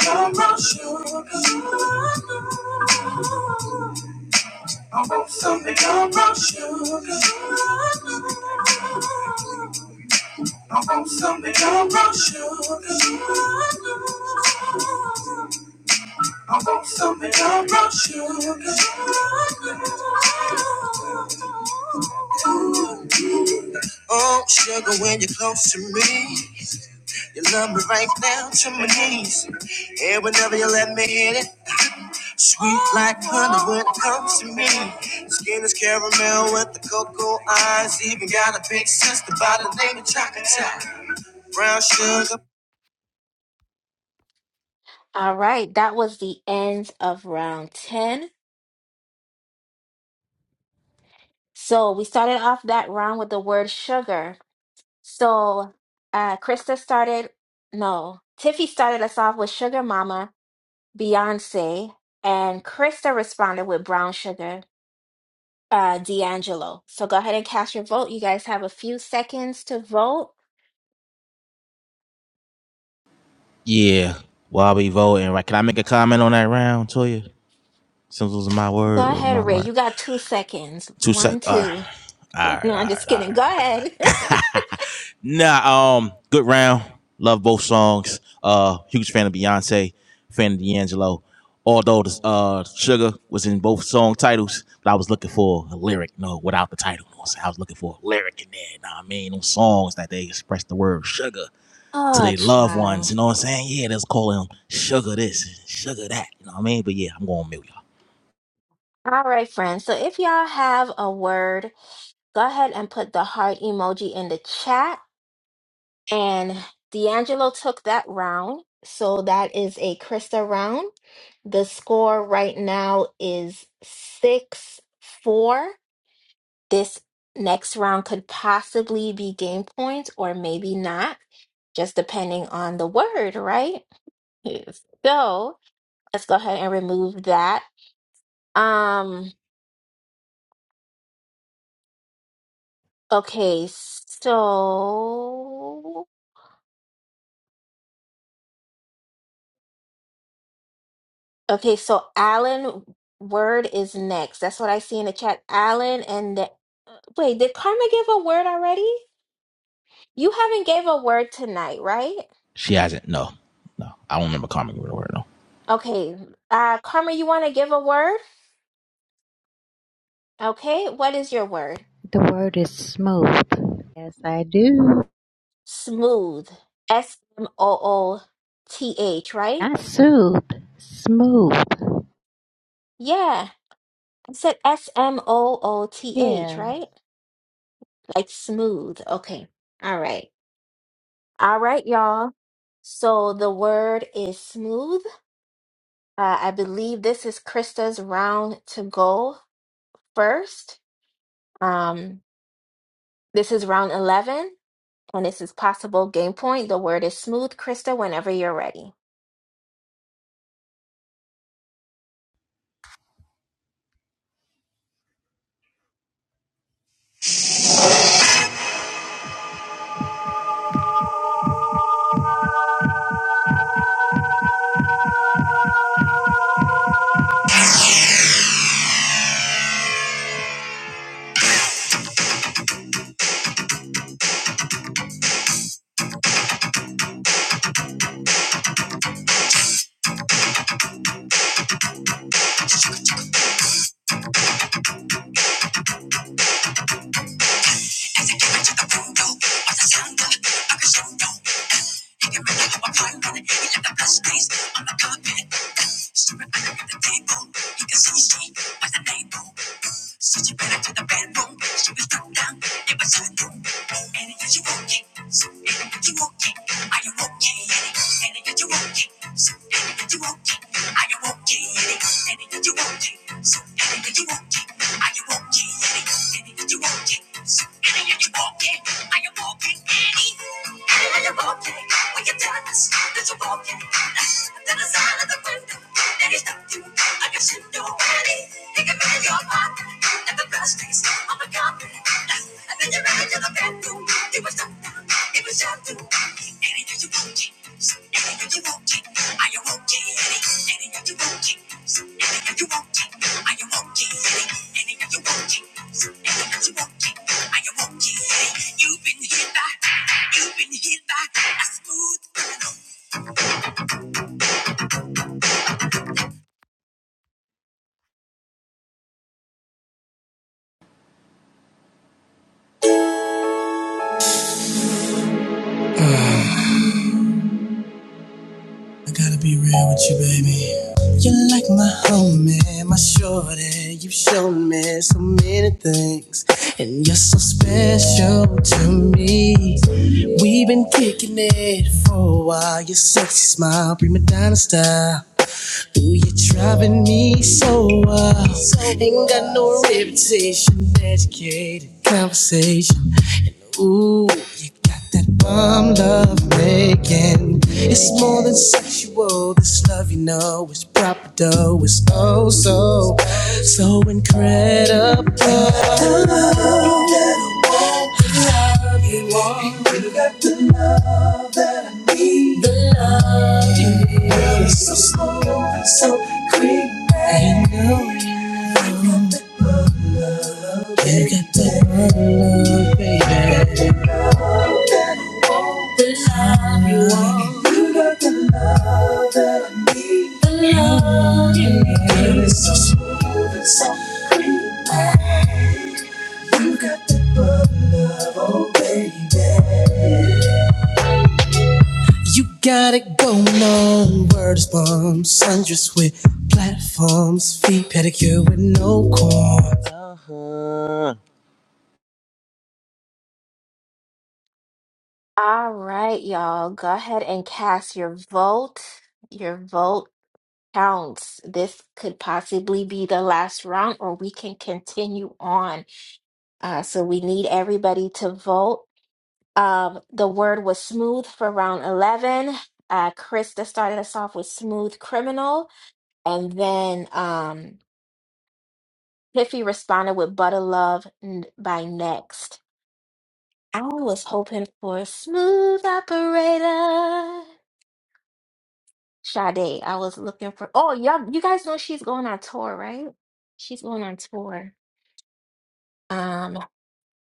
Oh, sugar, when you're close to me, you love me right down to my knees. And whenever you let me hit it, sweet like honey when it comes to me. Skin is caramel with the cocoa eyes. Even got a big sister by the name of Chocolate Top. Brown
All right, that was the end of round 10. So we started off that round with the word sugar. So uh Krista started no, Tiffy started us off with Sugar Mama, Beyonce, and Krista responded with Brown Sugar, uh D'Angelo. So go ahead and cast your vote. You guys have a few seconds to vote. Go ahead, Ray. You got two seconds. One, two. No, I'm just kidding. Go ahead.
To
oh,
their loved ones, you
child.
know what I'm saying? Yeah, let's call them sugar this, sugar that. You know what I mean? But yeah, I'm going milk.
All right, friends. So if y'all have a word, go ahead and put the heart emoji in the chat. And D'Angelo took that round. So that is a Krista round. The score right now is 6 4. This next round could possibly be game points or maybe not, just depending on the word, right? Yes. So let's go ahead and remove that. Um, okay, so Okay, so Alan Word is next. That's what I see in the chat. Alan and the, wait, did Karma give a word already? You haven't gave a word tonight, right? Okay, uh, Karma, you want to give a word? Okay, what is your word?
The word is smooth. Yes, I do.
Smooth. S M O O T H, right?
Not soothe. Smooth.
Yeah, I said S M O O T H,
Yeah.
right? Like smooth. Okay, all right. All right, y'all. So the word is smooth. Uh, I believe this is Krista's round to go first. Um, this is round 11, and this is possible game point. The word is smooth, Krista, whenever you're ready.
sugar. Hanging can in my prime, got it He like a blast case on the carpet. Staring under at the table, he can see she was the neighbor. So she went into the bedroom, she was thrown down, it was her doom. And it got you okay, so and it got you okay, are you okay? And it got you okay, so and it got you okay, are you okay? And it you I Your body, and the best taste of a compliment. I took you ran to the bathroom. You were so down, it was your room. Anything you want it, so anything you want it. Are you okay? Anything you want it, so anything you want it. Are you okay? Anything you want it, so anything you want it. Are you okay? You've been hit by, you've been hit by a smooth criminal.
I gotta be real with you, baby. You're like my homie, my shorty. You've shown me so many things, and you're so special to me. We've been kicking it for a while. Your sexy smile, prima donna style. Ooh, you're driving me so wild. Ain't got no reputation, educated conversation. And ooh, you that bum love making. It's more than sexual. This love you know is proper dough. It's oh so, so incredible. The love that I want, the love you want. You got the love that I need. The love you need.
All right, y'all, go ahead and cast your vote. Your vote counts. This could possibly be the last round, or we can continue on. Uh, so we need everybody to vote. Um, the word was smooth for round 11. Uh, Krista started us off with smooth criminal, and then um, Piffy responded with Butter Love n- by Next. I was hoping for smooth operator. Sade, I was looking for. Oh, yeah, you guys know she's going on tour, right? She's going on tour. Um, I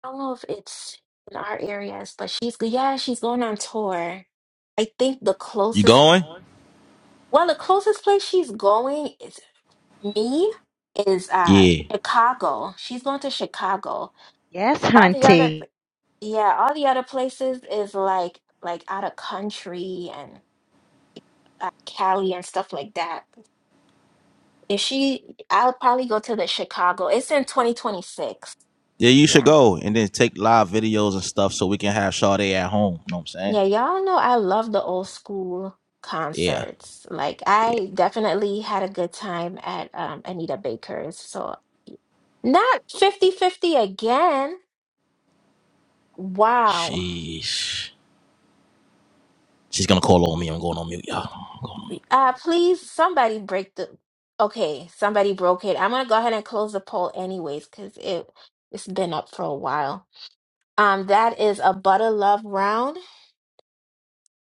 don't know if it's in our areas, but she's yeah, she's going on tour. I think the closest Well, the closest place she's going is me is uh Chicago. She's going to Chicago.
Yes,
All the other
hunty.
yeah, all the other places is like like out of country and uh, Cali and stuff like that. If she, I'll probably go to the Chicago. It's in 2026. Yeah. Yeah, y'all know I love the old school concerts. Like I definitely had a good time at um Anita Baker's. So not fifty fifty again. Wow. Uh, please, somebody break the. Okay, somebody broke it. I'm gonna go ahead and close the poll anyways, because it it's been up for a while. Um, that is a butter love round.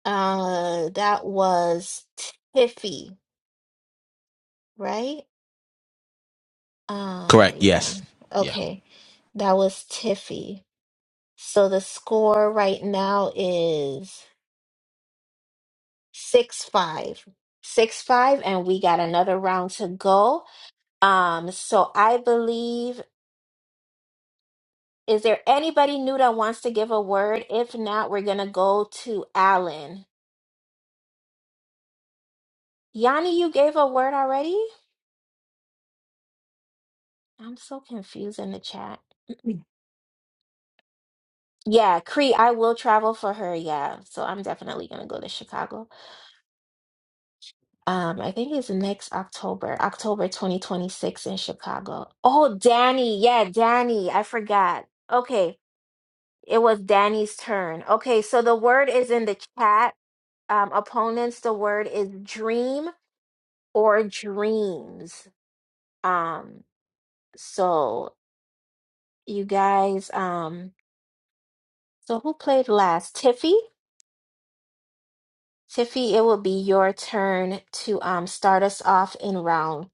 Uh, that was Tiffy, right? Uh, yeah. Okay, that was Tiffy. So the score right now is six five, six five, and we got another round to go. Um, so I believe, is there anybody new that wants to give a word? If not, we're gonna go to Alan. Yanni, you gave a word already? I'm so confused in the chat. Yeah, Cree, I will travel for her. Yeah, so I'm definitely gonna go to Chicago. Um, I think it's next October, October 2026 in Chicago. Oh, Danny, yeah, Danny, I forgot. Okay, it was Danny's turn. Okay, so the word is in the chat. um, opponents, the word is dream or dreams. Um, so you guys, um, so who played last? Tiffy? Tiffy, it will be your turn to um start us off in round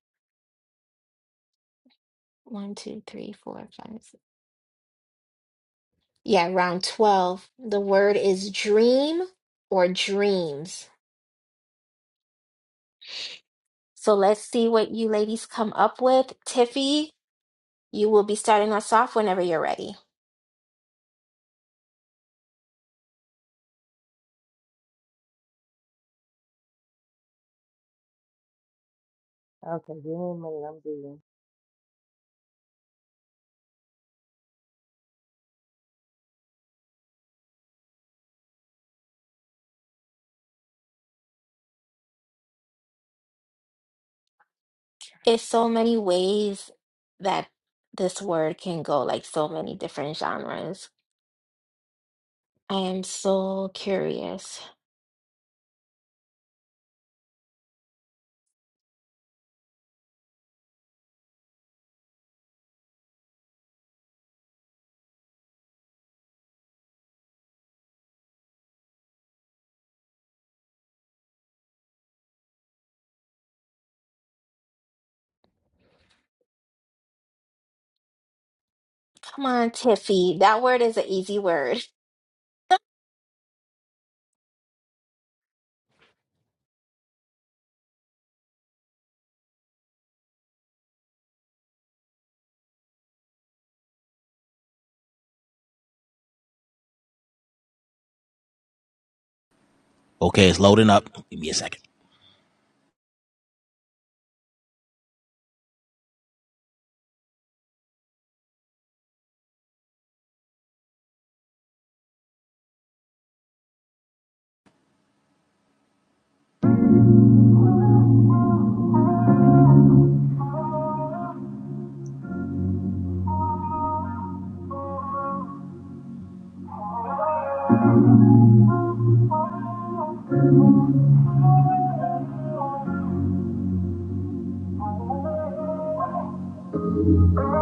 one, two, three, four, five, six. Yeah, round 12. The word is dream or dreams. So let's see what you ladies come up with. Tiffy, you will be starting us off whenever you're ready.
Okay, give me a minute. I'm doing.
It's so many ways that this word can go, like so many different genres. I am so curious. Come on, Tiffy. That word is an easy word.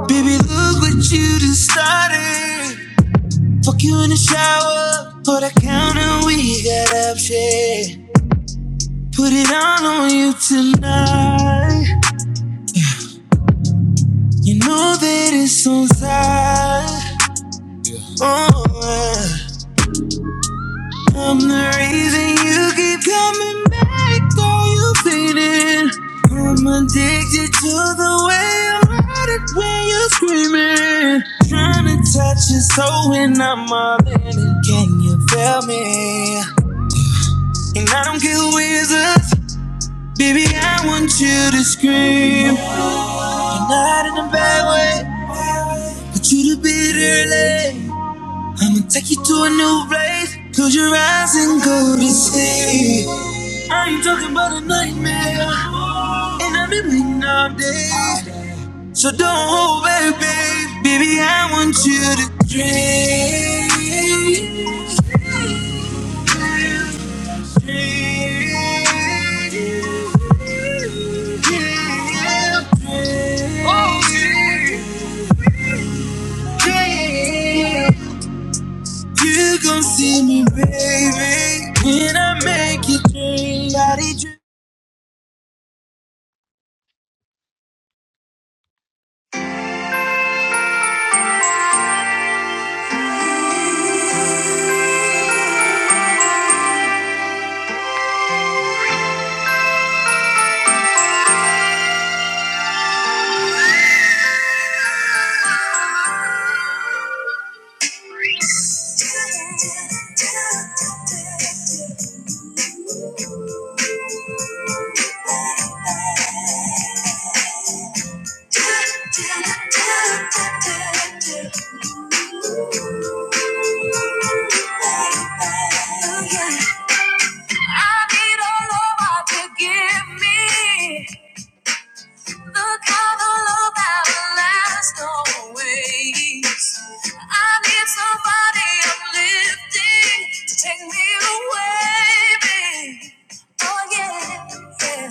Baby, look what you done started. Fuck you in the shower, put a counter we got up shit. Put it all on you tonight. You know that it's so sad. Oh, yeah. I'm the reason you keep coming back. Girl, you faded. I'm addicted to the way you hurt it when you're screaming. Trying to touch your soul when I'm all in it. Can you feel me? And I don't care who is us. Baby, I want you to scream. You're not in a bad way, but you to be early. I'ma take you to a new place. Close your eyes and go to sleep. I ain't talking about a nightmare. And I've been waiting all day. So don't hold back, babe. Baby, I want you to dream. Dream. Dream. Oh, dream. You gon' see me, baby, when I make you dream. body dream.
Oh yeah. I need a lover to give me the kind of love that will last always. I need somebody uplifting to take me away, babe. Oh yeah, yeah.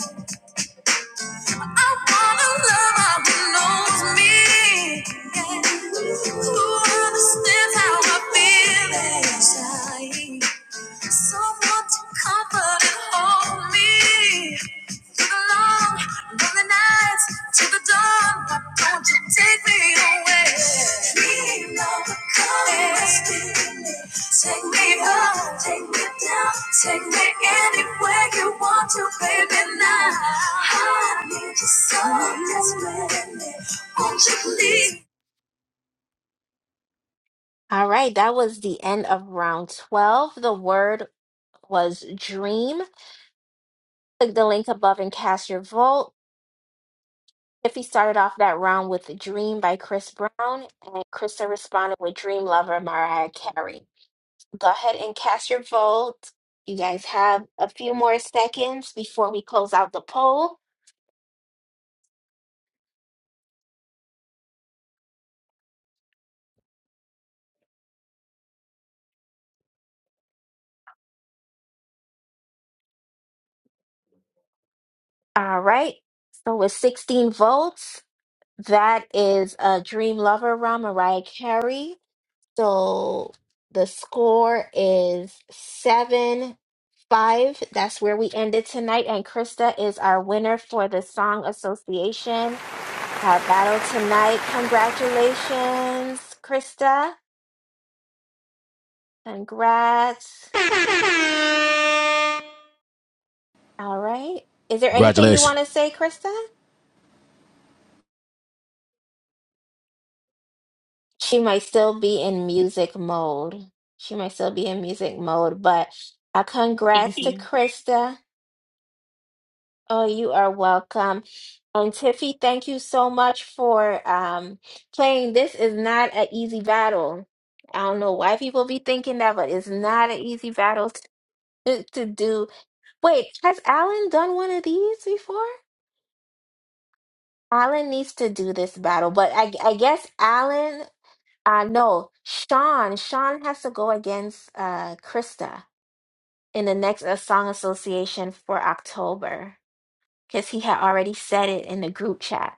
I want a lover who knows me, yeah. who understands how I feel inside. Someone to comfort and hold me through the long, lonely nights to the dawn. Why don't you take me away? Dream of the colors within me. Take me up, take me down, take me anywhere you want to, baby. Now I need you, someone that's with me. Please.
All right, that was the end of round 12. The word was dream. Click the link above and cast your vote. Tiffy started off that round with Dream by Chris Brown, and Krista responded with Dream Lover, Mariah Carey. Go ahead and cast your vote. You guys have a few more seconds before we close out the poll. All right. So with 16 votes, that is a Dream Lover Run, Mariah Carey. So the score is seven five. That's where we ended tonight. And Krista is our winner for the Song Association. Our battle tonight. Congratulations, Krista. Congrats. All right. Is there anything you want to say, Krista? She might still be in music mode. She might still be in music mode, but uh, congrats to Krista. Oh, you are welcome. And Tiffy, thank you so much for um, playing. This is not an easy battle. I don't know why people be thinking that, but it's not an easy battle to, to do. Wait, has Alan done one of these before? Alan needs to do this battle, but I, I guess Alan Uh, no, Sean. Sean has to go against uh Krista in the next uh, song association for October because he had already said it in the group chat.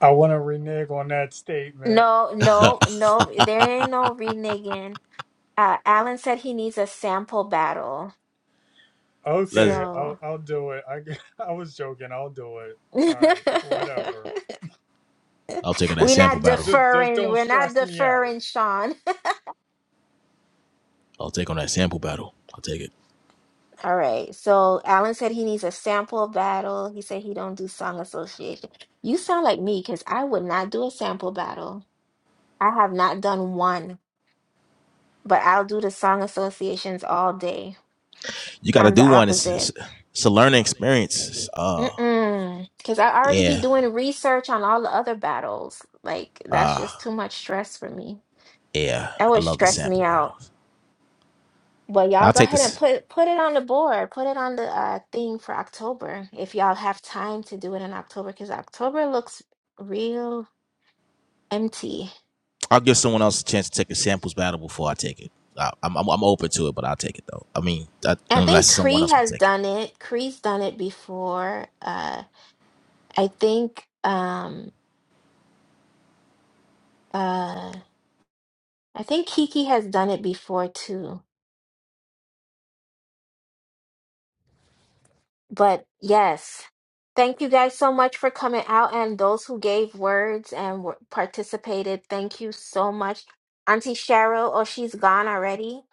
I want to renege on that statement.
No, no, no. There ain't no reneging. Uh, Alan said he needs a sample battle,
Okay, I'll
so
I'll do it. I I was joking. I'll do it. All
we're
right, whatever.
not
Just just
deferring.
don't
We're not
stress me out.
deferring, Sean. All right. So Alan said he needs a sample battle. He said he don't do song association. You sound like me because I would not do a sample battle. I have not done one, but I'll do the song associations all day. I'm the opposite. Mm-mm. Because I already be doing research on all the other battles. Like that's just too much stress for me. That would stress me out. Well, y'all go ahead and put put it on the board. Put it on the uh thing for October if y'all have time to do it in October because October looks real empty. I think Cree has done it. Cree's done it before. Uh I think um uh I think Kiki has done it before too. But yes, thank you guys so much for coming out and those who gave words and were, participated. Thank you so much. Auntie Cheryl, oh, she's gone already.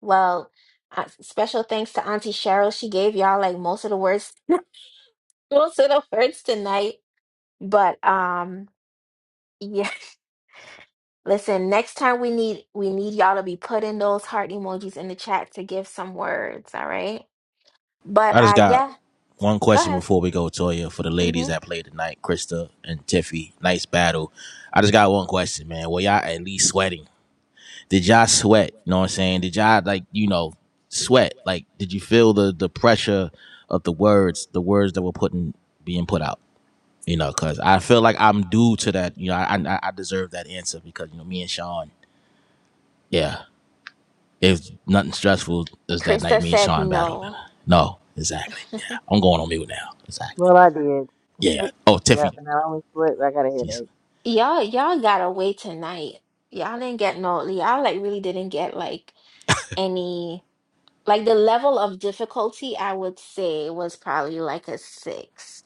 Well, uh, special thanks to Auntie Cheryl. She gave y'all like most of the words, most of the words tonight. But um, yeah. Listen, next time we need we need y'all to be putting those heart emojis in the chat to give some words. All right. But uh, yeah, go ahead. hmm Krista said no.
Well, I did. yep, and I always slept. I got a headache.
Y'all, y'all got away tonight. Y'all didn't get no, y'all like really didn't get like any, like the level of difficulty, I would say was probably like a six.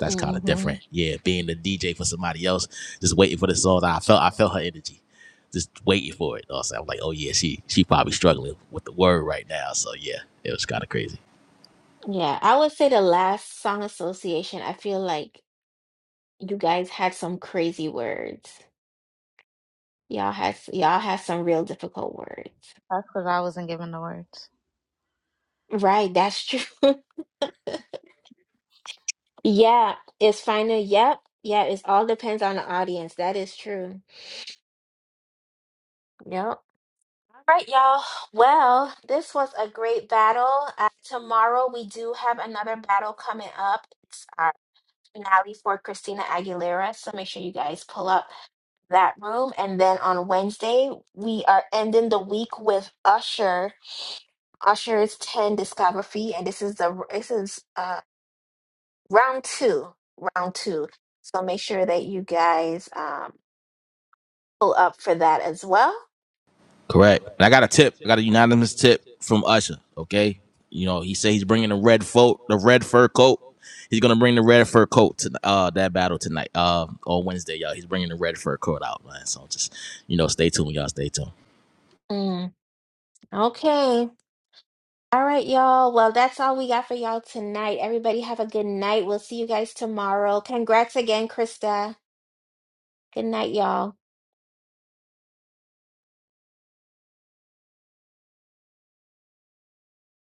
hmm Yeah, I would say the last song association, I feel like you guys had some crazy words. Y'all had, y'all had some real difficult words.
That's because I wasn't given the words.
Right, that's true. Yeah, it's final. Yep. Yeah, it all depends on the audience. That is true. Yep. All right, y'all. Well, this was a great battle. Uh, tomorrow we do have another battle coming up. It's our finale for Christina Aguilera, so make sure you guys pull up that room. And then on Wednesday we are ending the week with Usher. Usher's ten discography, and this is the this is uh round two, round two. So make sure that you guys um pull up for that as well. Mm, okay. All right, y'all. Well, that's all we got for y'all tonight. Everybody have a good night. We'll see you guys tomorrow. Congrats again, Krista. Good night, y'all.